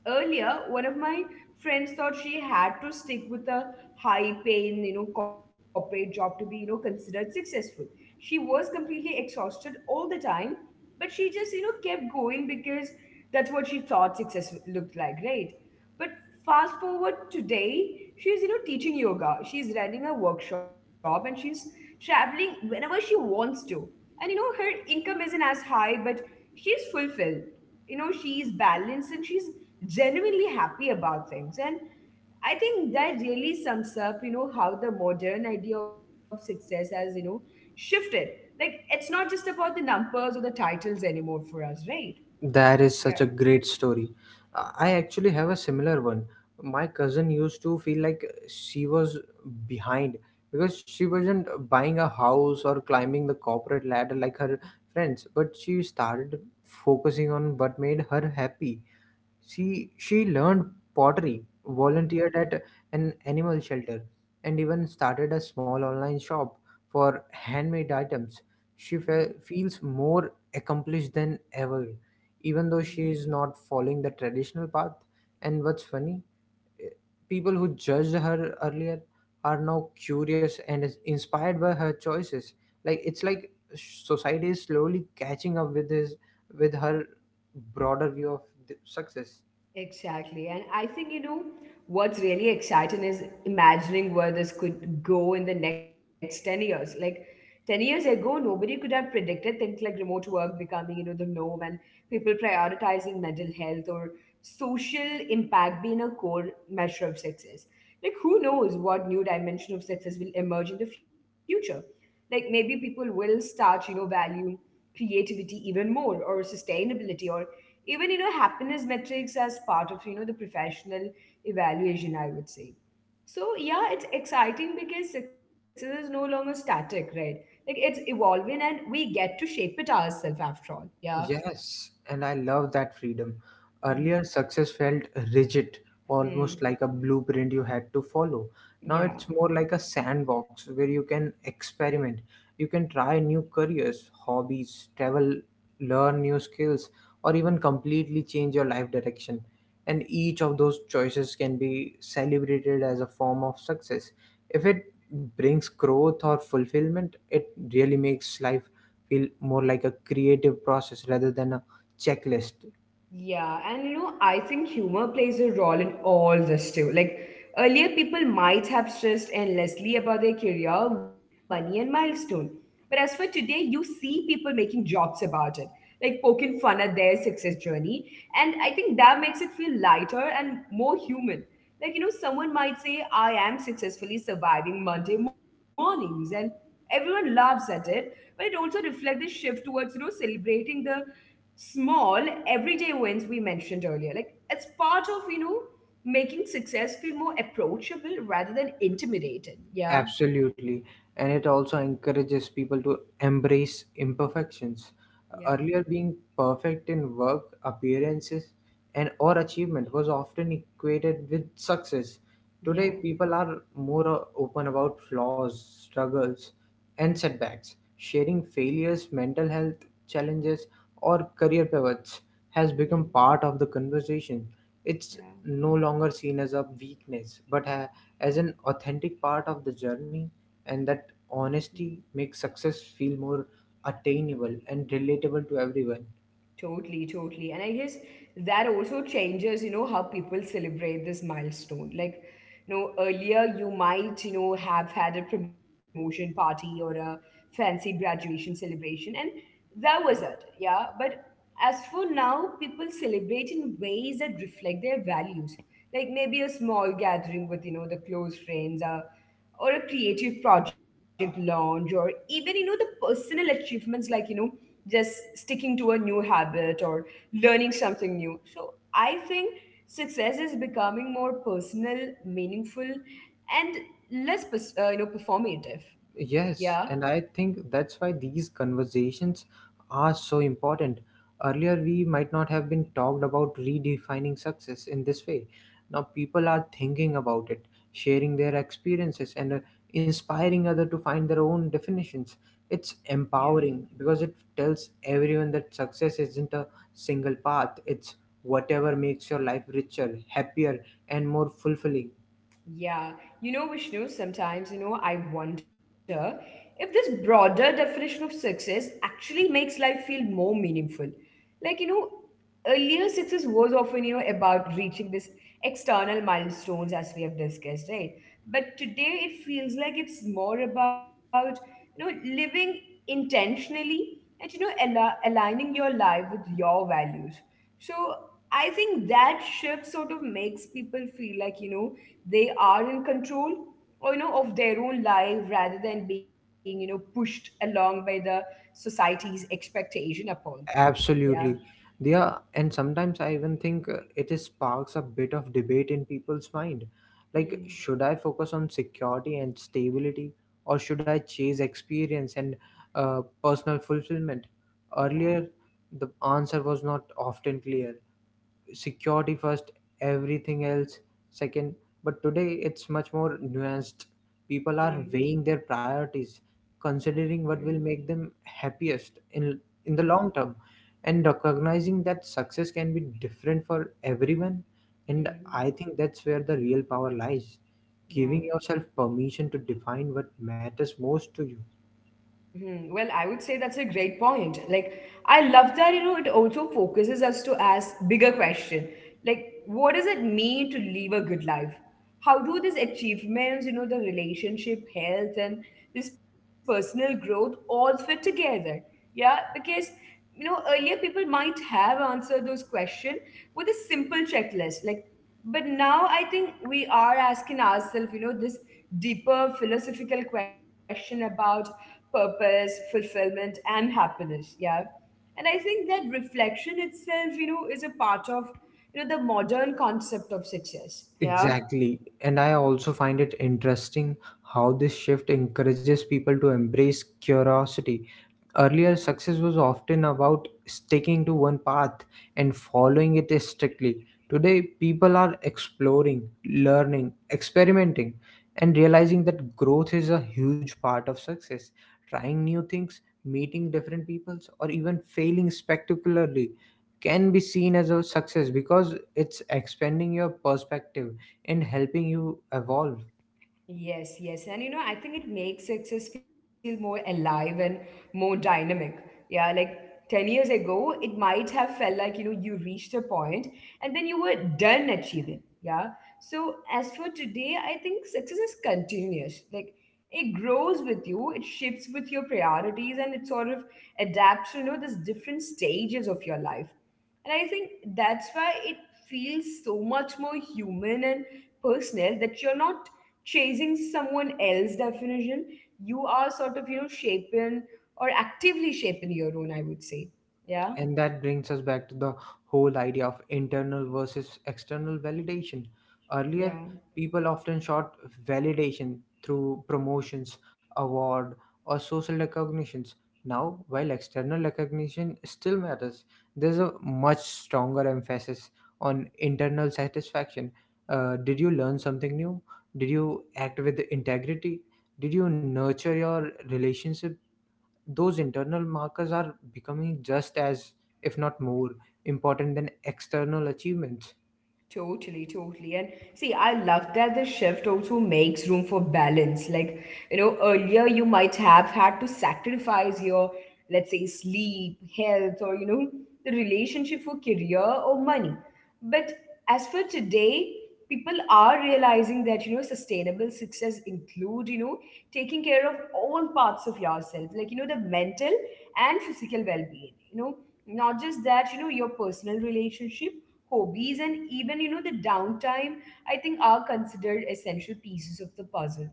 Speaker 1: earlier one of my friends thought she had to stick with a high paying, you know, corporate job to be, you know, considered successful. She was completely exhausted all the time, but she just, you know, kept going because that's what she thought success looked like, right? But fast forward today, she's, you know, teaching yoga. She's running a workshop and she's traveling whenever she wants to. And, you know, her income isn't as high, but she's fulfilled. You know, she's balanced and she's genuinely happy about things. And I think that really sums up, you know, how the modern idea of success has, you know, shifted. Like, it's not just about the numbers or the titles anymore for us, right?
Speaker 2: That is such
Speaker 1: Yeah.
Speaker 2: a great story. I actually have a similar one. My cousin used to feel like she was behind because she wasn't buying a house or climbing the corporate ladder like her friends, but she started focusing on what made her happy. She learned pottery,
Speaker 1: Wow.
Speaker 2: volunteered at an animal shelter, and even started a small online shop for handmade items. She feels more accomplished than ever, even though she
Speaker 1: Mm-hmm.
Speaker 2: is not following the traditional path. And what's funny, eh, people who judged her earlier are now curious and is inspired by her choices. Like it's like society is slowly catching up with his with her broader view of the success.
Speaker 1: Exactly. And I think, you know, what's really exciting is imagining where this could go in the next 10 years. Like 10 years ago, nobody could have predicted things like remote work becoming, you know, the norm and people prioritizing mental health or social impact being a core measure of success. Like, who knows what new dimension of success will emerge in the future? Like, maybe people will start, you know, valuing creativity even more or sustainability or even, you know, happiness metrics as part of, you know, the professional evaluation, I would say. So yeah, it's exciting because success is no longer static, right? Like, it's evolving and we get to shape it ourselves after all. Yeah.
Speaker 2: Yes, and I love that freedom.
Speaker 1: Hmm.
Speaker 2: Earlier, success felt rigid, almost
Speaker 1: Hmm.
Speaker 2: like a blueprint you had to follow. Now
Speaker 1: Yeah.
Speaker 2: it's more like a sandbox where you can experiment. You can try new careers, hobbies, travel, learn new skills, or even completely change your life direction. And each of those choices can be celebrated as a form of success. If it brings growth or fulfillment, it really makes life feel more like a creative process rather than a checklist.
Speaker 1: Yeah, and you know, I think humor plays a role in all this too. Like earlier, people might have stressed endlessly about their career, money, and milestone. But as for today, you see people making jokes about it, like poking fun at their success journey. And I think that makes it feel lighter and more human. Like, you know, someone might say, I am successfully surviving Monday mornings, and everyone laughs at it, but it also reflects this shift towards, you know, celebrating the small everyday wins we mentioned earlier. Like, it's part of, you know, making success feel more approachable rather than intimidating. Yeah.
Speaker 2: Absolutely. And it also encourages people to embrace imperfections.
Speaker 1: Yeah.
Speaker 2: Earlier, being perfect in work, appearances, and or achievement was often equated with success. Today,
Speaker 1: Yeah.
Speaker 2: people are more, open about flaws, struggles, and setbacks. Sharing failures, mental health challenges, or career pivots has
Speaker 1: Yeah.
Speaker 2: become part of the conversation. It's no longer seen as a weakness, but as an authentic part of the journey, and that
Speaker 1: Yeah.
Speaker 2: honesty makes success feel more attainable and relatable to everyone.
Speaker 1: Totally, totally. And I guess that also changes, you know, how people celebrate this milestone. Like, you know, earlier you might, you know, have had a promotion party or a fancy graduation celebration, and that was it. Yeah. But as for now, people celebrate in ways that reflect their values. Like maybe a small gathering with, you know, the close friends, a or a creative project launch, or even, you know, the personal achievements like, you know, just sticking to a new habit or learning something new. So I think success is becoming more personal, meaningful, and less you know, performative. Yeah.
Speaker 2: Yes, and I think that's why these conversations are so important. Earlier, we might not have been talked about redefining success in this way. Now, people are thinking about it, sharing their experiences, and, inspiring others to find their own definitions. It's
Speaker 1: Yeah.
Speaker 2: empowering because it tells everyone that success isn't a single path, it's whatever makes your life richer, happier, and more fulfilling.
Speaker 1: Yeah, you know, Vishnu, sometimes, you know, I wonder if this broader definition of success actually makes life feel more meaningful. Like, you know, earlier success was often, you know, about reaching this external milestones as we have discussed, right? But today it feels like it's more about, you know, living intentionally and, you know, aligning your life with your values. So I think that shift sort of makes people feel like, you know, they are in control, or you know, of their own life rather than being, you know, pushed along by the society's expectation upon them. Yeah.
Speaker 2: Absolutely. Yeah, and sometimes I even think, it is sparks a bit of debate in people's mind. Like,
Speaker 1: Hmm.
Speaker 2: should I focus on security and stability, or should I chase experience and, personal fulfillment?
Speaker 1: Yeah.
Speaker 2: Earlier, the answer was not often clear: security first, everything else second. But today it's much more nuanced. People are
Speaker 1: Hmm.
Speaker 2: weighing their priorities, considering what
Speaker 1: Hmm.
Speaker 2: will make them happiest in the
Speaker 1: Yeah.
Speaker 2: long term, and recognizing that success can be different for everyone. And
Speaker 1: Hmm.
Speaker 2: I think that's where the real power lies.
Speaker 1: Yeah.
Speaker 2: Giving yourself permission to define what matters most to you.
Speaker 1: Hmm. Well, I would say that's a great point. Like, I love that, you know, it also focuses us to ask bigger question. Like, what does it mean to live a good life? How do these achievements, you know, the relationship, health, and this personal growth all fit together? Yeah, because, you know, earlier people might have answered those questions with a simple checklist, like, but now I think we are asking ourselves, you know, this deeper philosophical question about purpose, fulfillment, and happiness. Yeah. And I think that reflection itself, you know, is a part of, you know, the modern concept of success. Yeah.
Speaker 2: Exactly. And I also find it interesting how this shift encourages people to embrace curiosity.
Speaker 1: Yeah.
Speaker 2: Earlier, success was often about sticking to one path and following it strictly. Today, people are exploring, learning, experimenting, and realizing that growth is a huge part of success. Trying new things, meeting different peoples, or even failing spectacularly can be seen as a success because it's expanding your perspective and helping you evolve.
Speaker 1: Yes, yes. And you know, I think it makes success feel more alive and more dynamic. Yeah, like 10 years ago, it might have felt like, you know, you reached a point and then you were done achieving. Yeah. So as for today, I think success is continuous. Like it grows with you, it shifts with your priorities, and it sort of adapts to, you know, these different stages of your life. And I think that's why it feels so much more human and personal, that you're not chasing someone else's definition. You are sort of, you know, shaping or actively shaping your own, I would say. Yeah.
Speaker 2: And that brings us back to the whole idea of internal versus external validation.
Speaker 1: Yeah.
Speaker 2: Earlier, people often sought validation through promotions, award, or social recognitions. Now, while external recognition still matters, there's a much stronger emphasis on internal satisfaction. Did you learn something new? Did you act with integrity? Did you nurture your relationships? Those internal markers are becoming just as, if not more, important than external achievements.
Speaker 1: Totally, totally. And see, I love that the shift also makes room for balance. Like, you know, earlier you might have had to sacrifice your, let's say, sleep, health, or, you know, the relationship for career or money. But as for today, people are realizing that, you know, sustainable success include, you know, taking care of all parts of yourself like, you know, the mental and physical well-being, you know, not just that, you know, your personal relationship, hobbies, and even, you know, the downtime, I think, are considered essential pieces of the puzzle.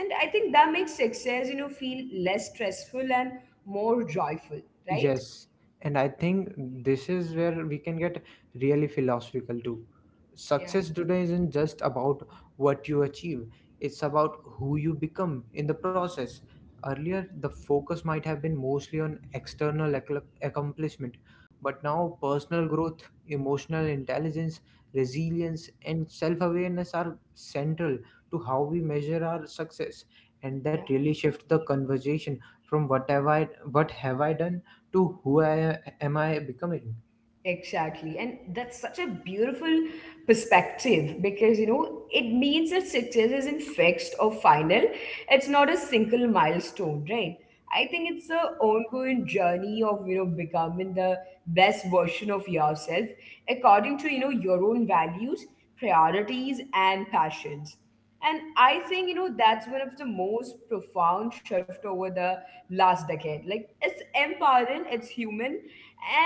Speaker 1: And I think that makes success, you know, feel less stressful and more joyful. Right.
Speaker 2: Yes, and I think this is where we can get really philosophical too.
Speaker 1: Yeah.
Speaker 2: Success today isn't just about what you achieve, it's about who you become in the process. Earlier, the focus might have been mostly on external accomplishment, but now personal growth, emotional intelligence, resilience, and self awareness are central to how we measure our success. And that
Speaker 1: Yeah.
Speaker 2: really shifts the conversation from what have I done to who I am I becoming?
Speaker 1: Exactly. And that's such a beautiful perspective because, you know, it means that success isn't fixed or final. It's not a single milestone, right? I think it's a ongoing journey of, you know, becoming the best version of yourself according to, you know, your own values, priorities, and passions. And I think, you know, that's one of the most profound shift over the last decade. Like, it's empowering, it's human,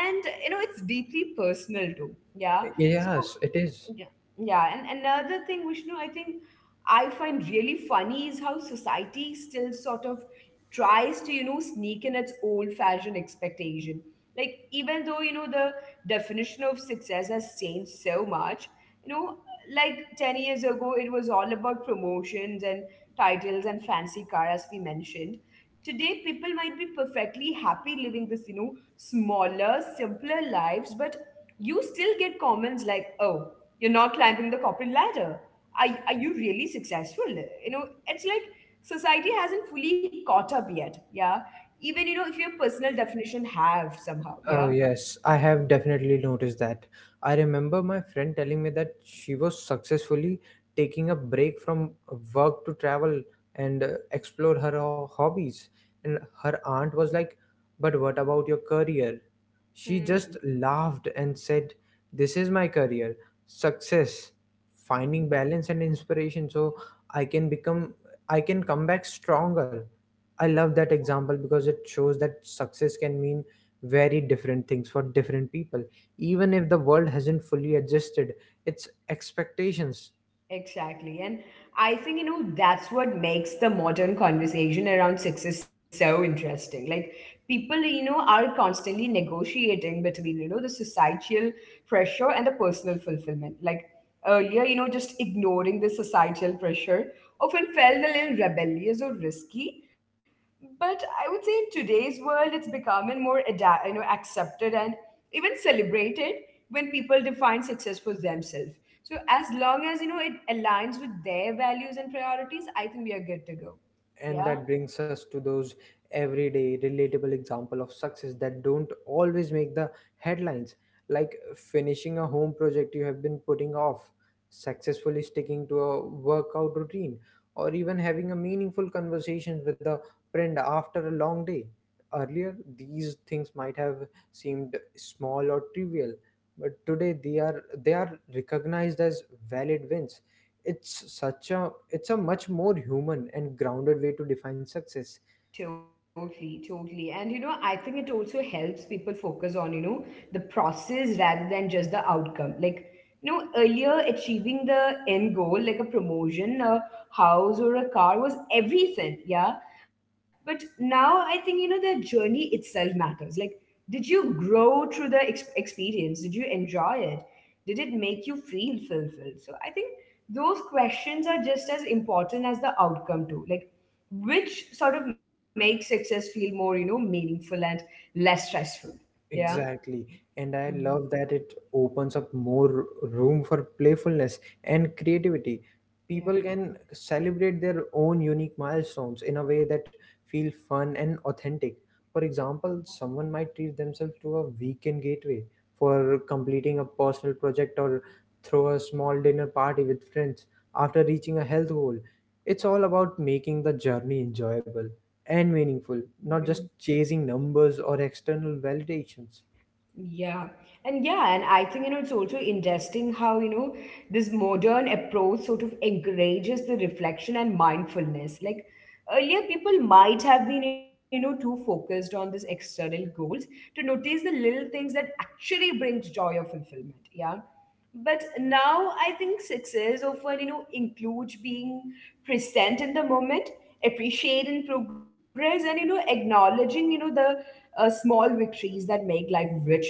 Speaker 1: and you know, it's deeply personal too. Yeah. So
Speaker 2: Yes, it is.
Speaker 1: yeah, yeah, and another thing, Vishnu, I think I find really funny is how society still sort of tries to, you know, sneak in its old-fashioned expectation. Like, even though, you know, the definition of success has changed so much, you know, like 10 years ago, it was all about promotions and titles and fancy car, as we mentioned. Today, people might be perfectly happy living this, you know, smaller, simpler lives, but you still get comments like, oh, you're not climbing the corporate ladder, are you really successful? You know, it's like society hasn't fully caught up yet. Yeah. Even, you know, if your personal definition have somehow.
Speaker 2: Oh,
Speaker 1: Yeah.
Speaker 2: yes, I have definitely noticed that. I remember my friend telling me that she was successfully taking a break from work to travel and explore her hobbies. And her aunt was like, but what about your career? She just
Speaker 1: Hmm.
Speaker 2: laughed and said, this is my career, success,
Speaker 1: Yeah.
Speaker 2: finding balance and inspiration so I can I can come back stronger. I love that example because it shows that success can mean very different things for different people.
Speaker 1: Yeah.
Speaker 2: Even if the world hasn't fully adjusted its expectations,
Speaker 1: Exactly. And I think, you know, that's what makes the modern conversation around success so interesting. Like, people, you know, are constantly negotiating between, you know, the societal pressure and the personal fulfillment. Like, earlier, you know, just ignoring the societal pressure often felt a little rebellious or risky. But I would say in today's world, it's becoming more, you know, accepted and even celebrated when people define success for themselves. So as long as, you know, it aligns with their values and priorities, I think we are good to go. Yeah.
Speaker 2: and that brings us to those everyday relatable example of success that don't always make the headlines, like finishing a home project you have been putting off, successfully sticking to a workout routine, or even having a meaningful conversation with a friend after a long day. Earlier these things might have seemed small or trivial, but today they are recognized as valid wins. It's such a it's a much more human and grounded way to define success.
Speaker 1: Totally, totally. And you know, I think it also helps people focus on, you know, the process rather than just the outcome. Like, you know, earlier achieving the end goal, like a promotion, a house, or a car was everything. Yeah. But now I think, you know, the journey itself matters. Like, did you grow through the experience? Did you enjoy it? Did it make you feel fulfilled? So I think those questions are just as important as the outcome, too. Like, which sort of makes success feel more meaningful and less stressful. Yeah.
Speaker 2: Exactly. And I
Speaker 1: Mhm.
Speaker 2: love that it opens up more room for playfulness and creativity. People can celebrate their own unique milestones in a way that feel fun and authentic. For example, someone might treat themselves to a weekend gateway for completing a personal project or throw a small dinner party with friends after reaching a health goal. It's all about making the journey enjoyable and meaningful,
Speaker 1: Yeah.
Speaker 2: not just chasing numbers or external validations.
Speaker 1: Yeah. And I think, it's also interesting how, this modern approach sort of encourages the reflection and mindfulness. Like earlier, people might have been, too focused on these external goals to notice the little things that actually brings joy or fulfillment. Yeah. But now I think success often, includes being present in the moment, appreciating progress and, acknowledging, you know, the small victories that make life richer.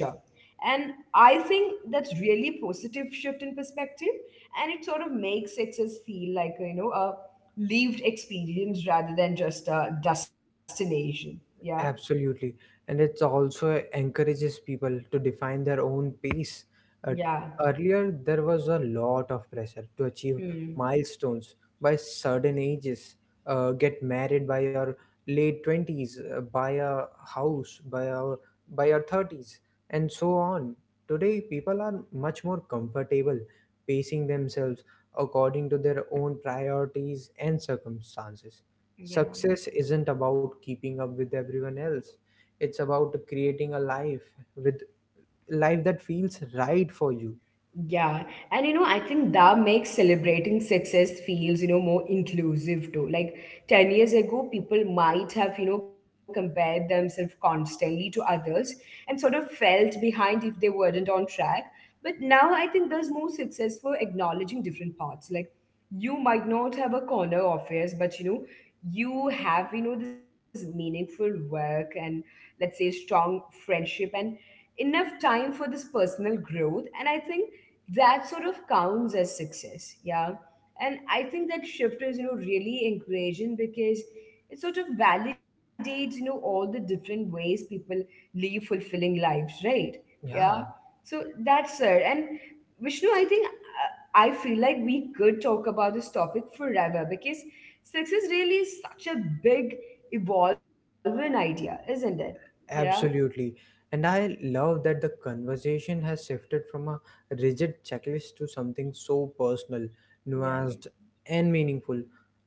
Speaker 1: And I think that's really positive shift in perspective, and it sort of makes success feel like a lived experience rather than just a destination. Yeah.
Speaker 2: Absolutely. And it also encourages people to define their own pace. Uh,
Speaker 1: Yeah.
Speaker 2: Earlier, there was a lot of pressure to achieve
Speaker 1: Hmm.
Speaker 2: milestones by certain ages, get married by your late 20s, buy a house by your 30s, and so on. Today, people are much more comfortable pacing themselves according to their own priorities and circumstances.
Speaker 1: Yeah.
Speaker 2: Success isn't about keeping up with everyone else. It's about creating a with life that feels right for you.
Speaker 1: Yeah, and you know, I think that makes celebrating success feels, more inclusive too. Like 10 years ago, people might have, compared themselves constantly to others and sort of felt behind if they weren't on track. But now I think there's more success for acknowledging different parts. Like you might not have a corner office, but you have this meaningful work and, let's say, strong friendship and enough time for this personal growth. And I think that sort of counts as success. Yeah. And I think that shift is, really encouraging because it sort of validates, all the different ways people live fulfilling lives, right? Yeah.
Speaker 2: Yeah.
Speaker 1: So that's it. And Vishnu, I think I feel like we could talk about this topic forever because success really is really such a big, evolving idea, isn't it? Yeah.
Speaker 2: Absolutely. And I love that the conversation has shifted from a rigid checklist to something so personal,
Speaker 1: Yeah.
Speaker 2: nuanced, and meaningful.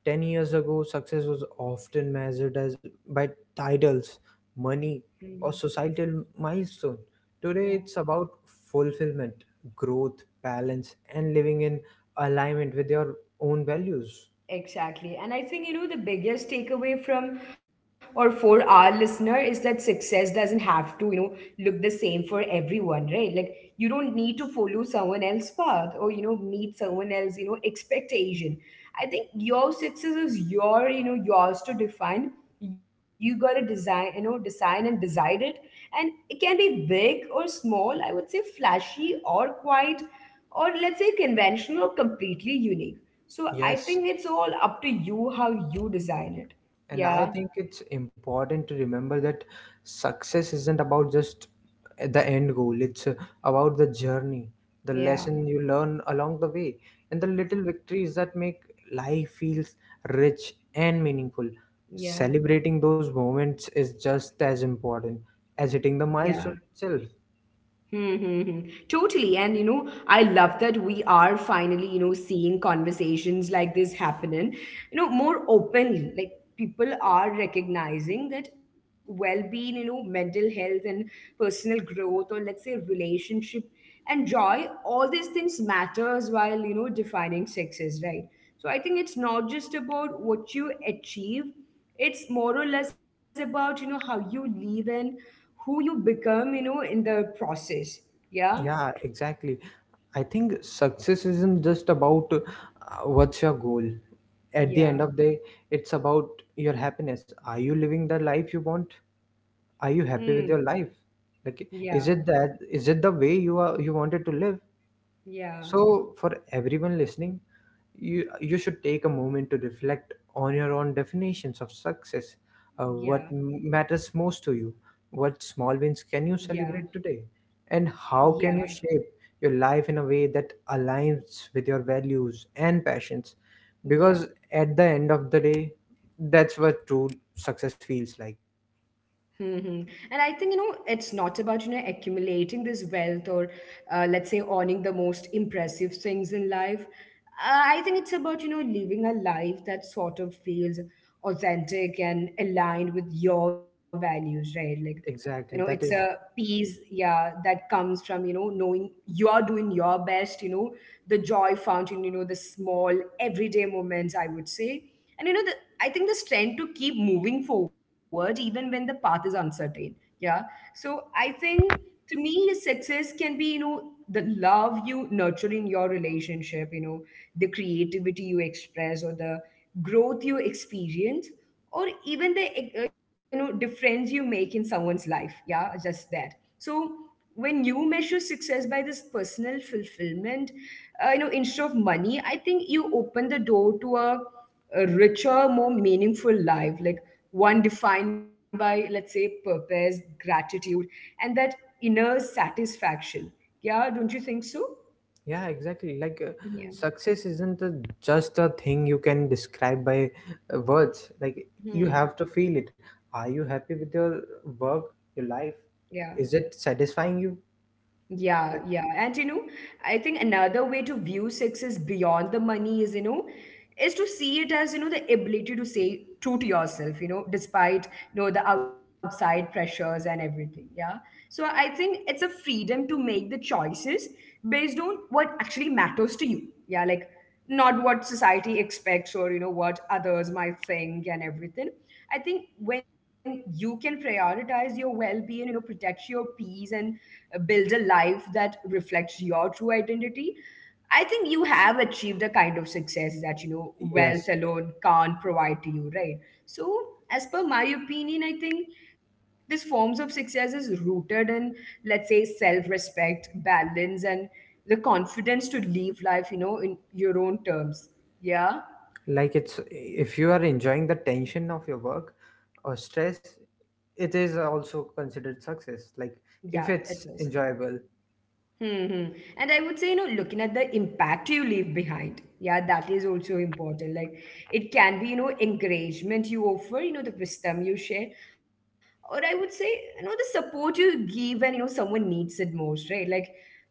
Speaker 2: 10 years ago, success was often measured as by titles, money,
Speaker 1: Hmm.
Speaker 2: or societal milestone. Today,
Speaker 1: Yeah.
Speaker 2: it's about fulfillment, growth, balance, and living in alignment with your own values.
Speaker 1: Exactly. And I think, the biggest takeaway from or for our listener is that success doesn't have to, look the same for everyone, right? Like, you don't need to follow someone else's path or, meet someone else, expectation. I think your success is your, yours to define. You got to design, design and decide it. And it can be big or small, I would say flashy or quiet, or let's say conventional or completely unique. So I
Speaker 2: Yes,
Speaker 1: think it's all up to you how you design it.
Speaker 2: and I
Speaker 1: Yeah,
Speaker 2: think it's important to remember that success isn't about just the end goal, it's about the journey, the
Speaker 1: yeah,
Speaker 2: lesson you learn along the way, and the little victories that make life feels rich and meaningful.
Speaker 1: yeah,
Speaker 2: Celebrating those moments is just as important as hitting the
Speaker 1: yeah.
Speaker 2: milestone itself.
Speaker 1: Hmm, hmm, hmm. Totally. And, I love that we are finally, seeing conversations like this happening, more openly. Like people are recognizing that well being, mental health and personal growth, or let's say relationship and joy, all these things matters while, defining success, right? So I think it's not just about what you achieve, it's more or less about, how you live in who you become, in the process. Yeah.
Speaker 2: Yeah, exactly. I think success isn't just about what's your goal. At the end
Speaker 1: Yeah.
Speaker 2: of the day, it's about your happiness. Are you living the life you want? Are you
Speaker 1: Hmm.
Speaker 2: happy with your life? Like,
Speaker 1: Yeah.
Speaker 2: is it the way you wanted to live?
Speaker 1: Yeah.
Speaker 2: So, for everyone listening, you should take a moment to reflect on your own definitions of success, what
Speaker 1: Yeah.
Speaker 2: matters most to you, what
Speaker 1: Yeah.
Speaker 2: small wins can you celebrate today, and how
Speaker 1: Yeah.
Speaker 2: can you shape your life in a way that aligns with your values and passions,
Speaker 1: Yeah.
Speaker 2: because at the end of the day that's what true success feels like.
Speaker 1: Hmm. And I think, it's not about, accumulating this wealth or, let's say, owning the most impressive things in life. I think it's about, living a life that sort of feels authentic and aligned with your values, right? Like, it's
Speaker 2: Exactly,
Speaker 1: a
Speaker 2: that is.
Speaker 1: peace, yeah, that comes from, knowing you are doing your best, the joy fountain, the small everyday moments, I would say. And you know the, i think this trend to keep moving forward even when the path is uncertain. Yeah. So I think to me success can be, the love you nurture in your relationship, the creativity you express or the growth you experience, or even the difference you make in someone's life. Yeah, just that. So when you measure success by this personal fulfillment, you know, instead of money, I think you open the door to a richer, more meaningful life, like one defined by, let's say, purpose, gratitude, and that inner satisfaction. Yeah, don't you think so?
Speaker 2: Yeah, exactly.
Speaker 1: Mhm.
Speaker 2: Success isn't just a thing you can describe by words. Like,
Speaker 1: Yeah.
Speaker 2: you
Speaker 1: Hmm.
Speaker 2: have to feel it. Are you happy with your work, your life?
Speaker 1: Yeah.
Speaker 2: Is it satisfying you?
Speaker 1: Yeah,
Speaker 2: Like,
Speaker 1: yeah. And you know, I think another way to view success beyond the money is, to see it as, the ability to say true to yourself, despite, the outside pressures and everything. Yeah. So I think it's a freedom to make the choices based on what actually matters to you. Yeah. Like not what society expects or, what others might think and everything. I think when you can prioritize your well being, protect your peace and build a life that reflects your true identity, I think you have achieved a kind of success that, wealth
Speaker 2: yes.
Speaker 1: alone can't provide to you, right? So, as per my opinion, I think these forms of success is rooted in, let's say, self respect, balance, and the confidence to live life, in your own terms. Yeah.
Speaker 2: Like, it's if you are enjoying the tension of your work or stress, it is also considered success. Like,
Speaker 1: Yeah,
Speaker 2: if
Speaker 1: it
Speaker 2: it's
Speaker 1: is.
Speaker 2: enjoyable,
Speaker 1: Hmm. And I would say, looking at the impact you leave behind. Yeah, that is also important. Like it can be, encouragement you offer, the wisdom you share. Or I would say, the support you give when, someone needs it most, right? Like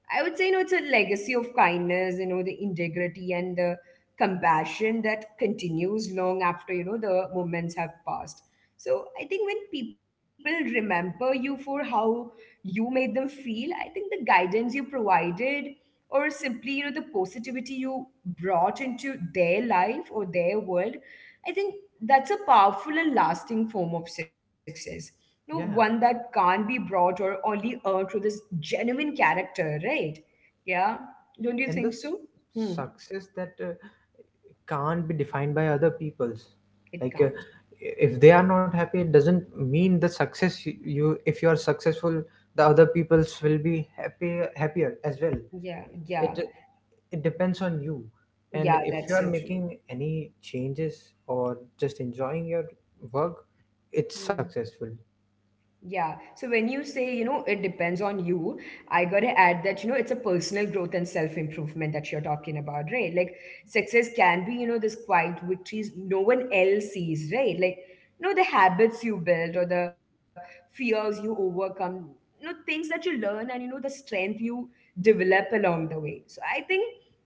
Speaker 1: I would say, it's a legacy of kindness, the integrity and the compassion that continues long after, the moments have passed. So I think when people remember you for how you made them feel, I think the guidance you provided or simply, the positivity you brought into their life or their world, I think that's a powerful and lasting form of success, one
Speaker 2: yeah.
Speaker 1: that can't be brought or only earned through this genuine character, right? Yeah, don't you
Speaker 2: And
Speaker 1: think
Speaker 2: the
Speaker 1: so? Hmm.
Speaker 2: success that can't be defined by other people's,
Speaker 1: It
Speaker 2: like,
Speaker 1: can't.
Speaker 2: if they are not happy it doesn't mean the you, if you are successful the other people's will be happy, happier as well.
Speaker 1: Yeah. Yeah.
Speaker 2: it it depends on you. And
Speaker 1: Yeah,
Speaker 2: if you
Speaker 1: that's
Speaker 2: are
Speaker 1: so true.
Speaker 2: making any changes or just enjoying your work, it's
Speaker 1: Hmm.
Speaker 2: successful.
Speaker 1: Yeah. So when you say, it depends on you, I got to add that, it's a personal growth and self improvement that you're talking about, right? Like success can be, this quiet victories no one else sees, right? Like, the habits you build or the fears you overcome, things that you learn and, the strength you develop along the way. So I think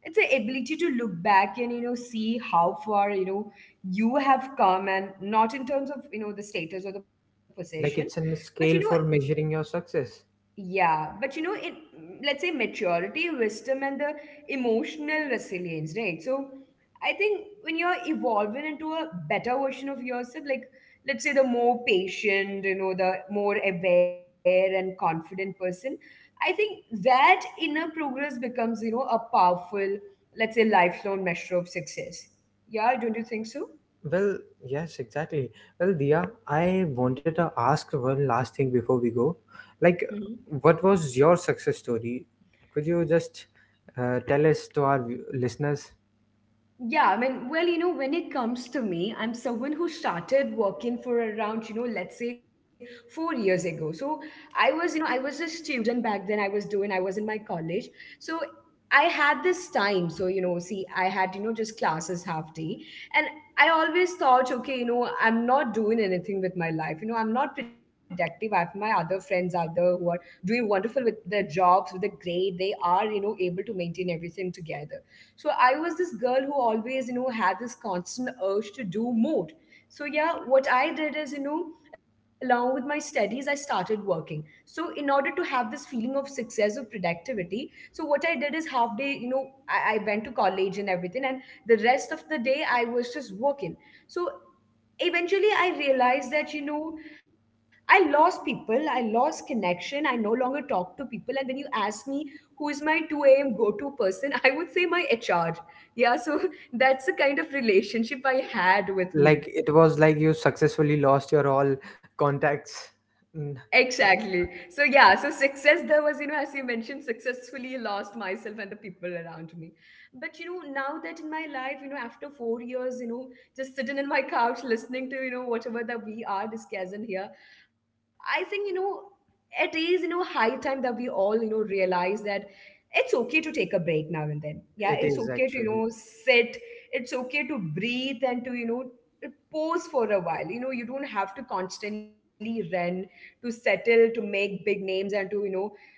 Speaker 1: it's the ability to look back and, see how far, you have come and not in terms of, the status or the possessions,
Speaker 2: Like, it's
Speaker 1: but
Speaker 2: a
Speaker 1: you know,
Speaker 2: scale for measuring your success.
Speaker 1: yeah, but you know, in, let's say, maturity, wisdom, and the emotional resilience, right? So I think when you're evolving into a better version of yourself, like, let's say, the more patient, the more aware and confident person, I think that inner progress becomes, a powerful, let's say, lifelong measure of success. Yeah, don't you think so?
Speaker 2: Well, yes, exactly. Well, Dia, I wanted to ask one last thing before we go. Like,
Speaker 1: Mhm.
Speaker 2: what was your success story? Could you just tell us to our listeners?
Speaker 1: Yeah, I mean, well, when it comes to me, I'm someone who started working for around, let's say, 4 years ago. So I was a student back then. I was in my college. So I had this time. So, see, I had, just classes half day. And I always thought, okay, I'm not doing anything with my life. I'm not productive. I have my other friends out there who are doing wonderful with their jobs, with the grade. They are, able to maintain everything together. So I was this girl who always, had this constant urge to do more. So yeah, what I did is, along with my studies, I started working. So in order to have this feeling of success or productivity, so what I did is half day, I went to college and everything, and the rest of the day I was just working. So eventually I realized that, I lost people, I lost connection, I no longer talk to people. And when you ask me who is my 2 a.m. go-to person, I would say my HR. Yeah, so that's the kind of relationship I had with me.
Speaker 2: Like, it was like you successfully lost your all contacts. Mm.
Speaker 1: Exactly. So yeah, so success there was, as you mentioned, successfully lost myself and the people around me. But you know, now that in my life, after 4 years, just sitting in my couch listening to, whatever that we are discussing here, I think, it is, high time that we all, realize that it's okay to take a break now and then. Yeah,
Speaker 2: It
Speaker 1: it's
Speaker 2: is
Speaker 1: okay to,
Speaker 2: actually.
Speaker 1: sit, it's okay to breathe and to, pause for a while. You know, you don't have to constantly run to settle, to make big names, and to, you know,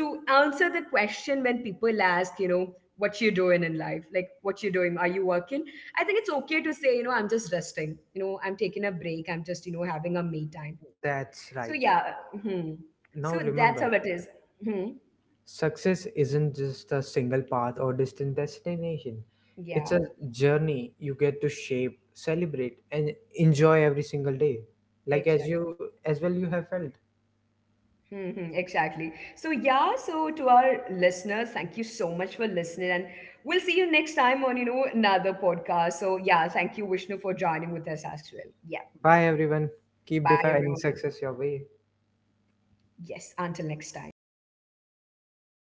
Speaker 1: uh, to answer the question when people ask, what you doing in life? Like, what you doing? Are you working? I think it's okay to say, I'm just resting. You know, I'm taking a break. I'm just, having a me time. So,
Speaker 2: That's
Speaker 1: yeah.
Speaker 2: right.
Speaker 1: Mhm. So
Speaker 2: Now
Speaker 1: that's how it
Speaker 2: remember,
Speaker 1: is. Mhm.
Speaker 2: success isn't just a single path or distant destination. It's
Speaker 1: Yeah,
Speaker 2: a journey you get to shape, celebrate, and enjoy every single day. Like as
Speaker 1: exactly.
Speaker 2: you as well you have felt.
Speaker 1: Mm-hmm, exactly. So, yeah, so to our listeners, thank you so much for listening. And we'll see you next time on, another podcast. So, yeah, thank you, Vishnu, for joining with us as well. Yeah.
Speaker 2: Bye everyone. Keep
Speaker 1: Bye,
Speaker 2: defining
Speaker 1: everyone.
Speaker 2: success your way.
Speaker 1: Yes. Until next time.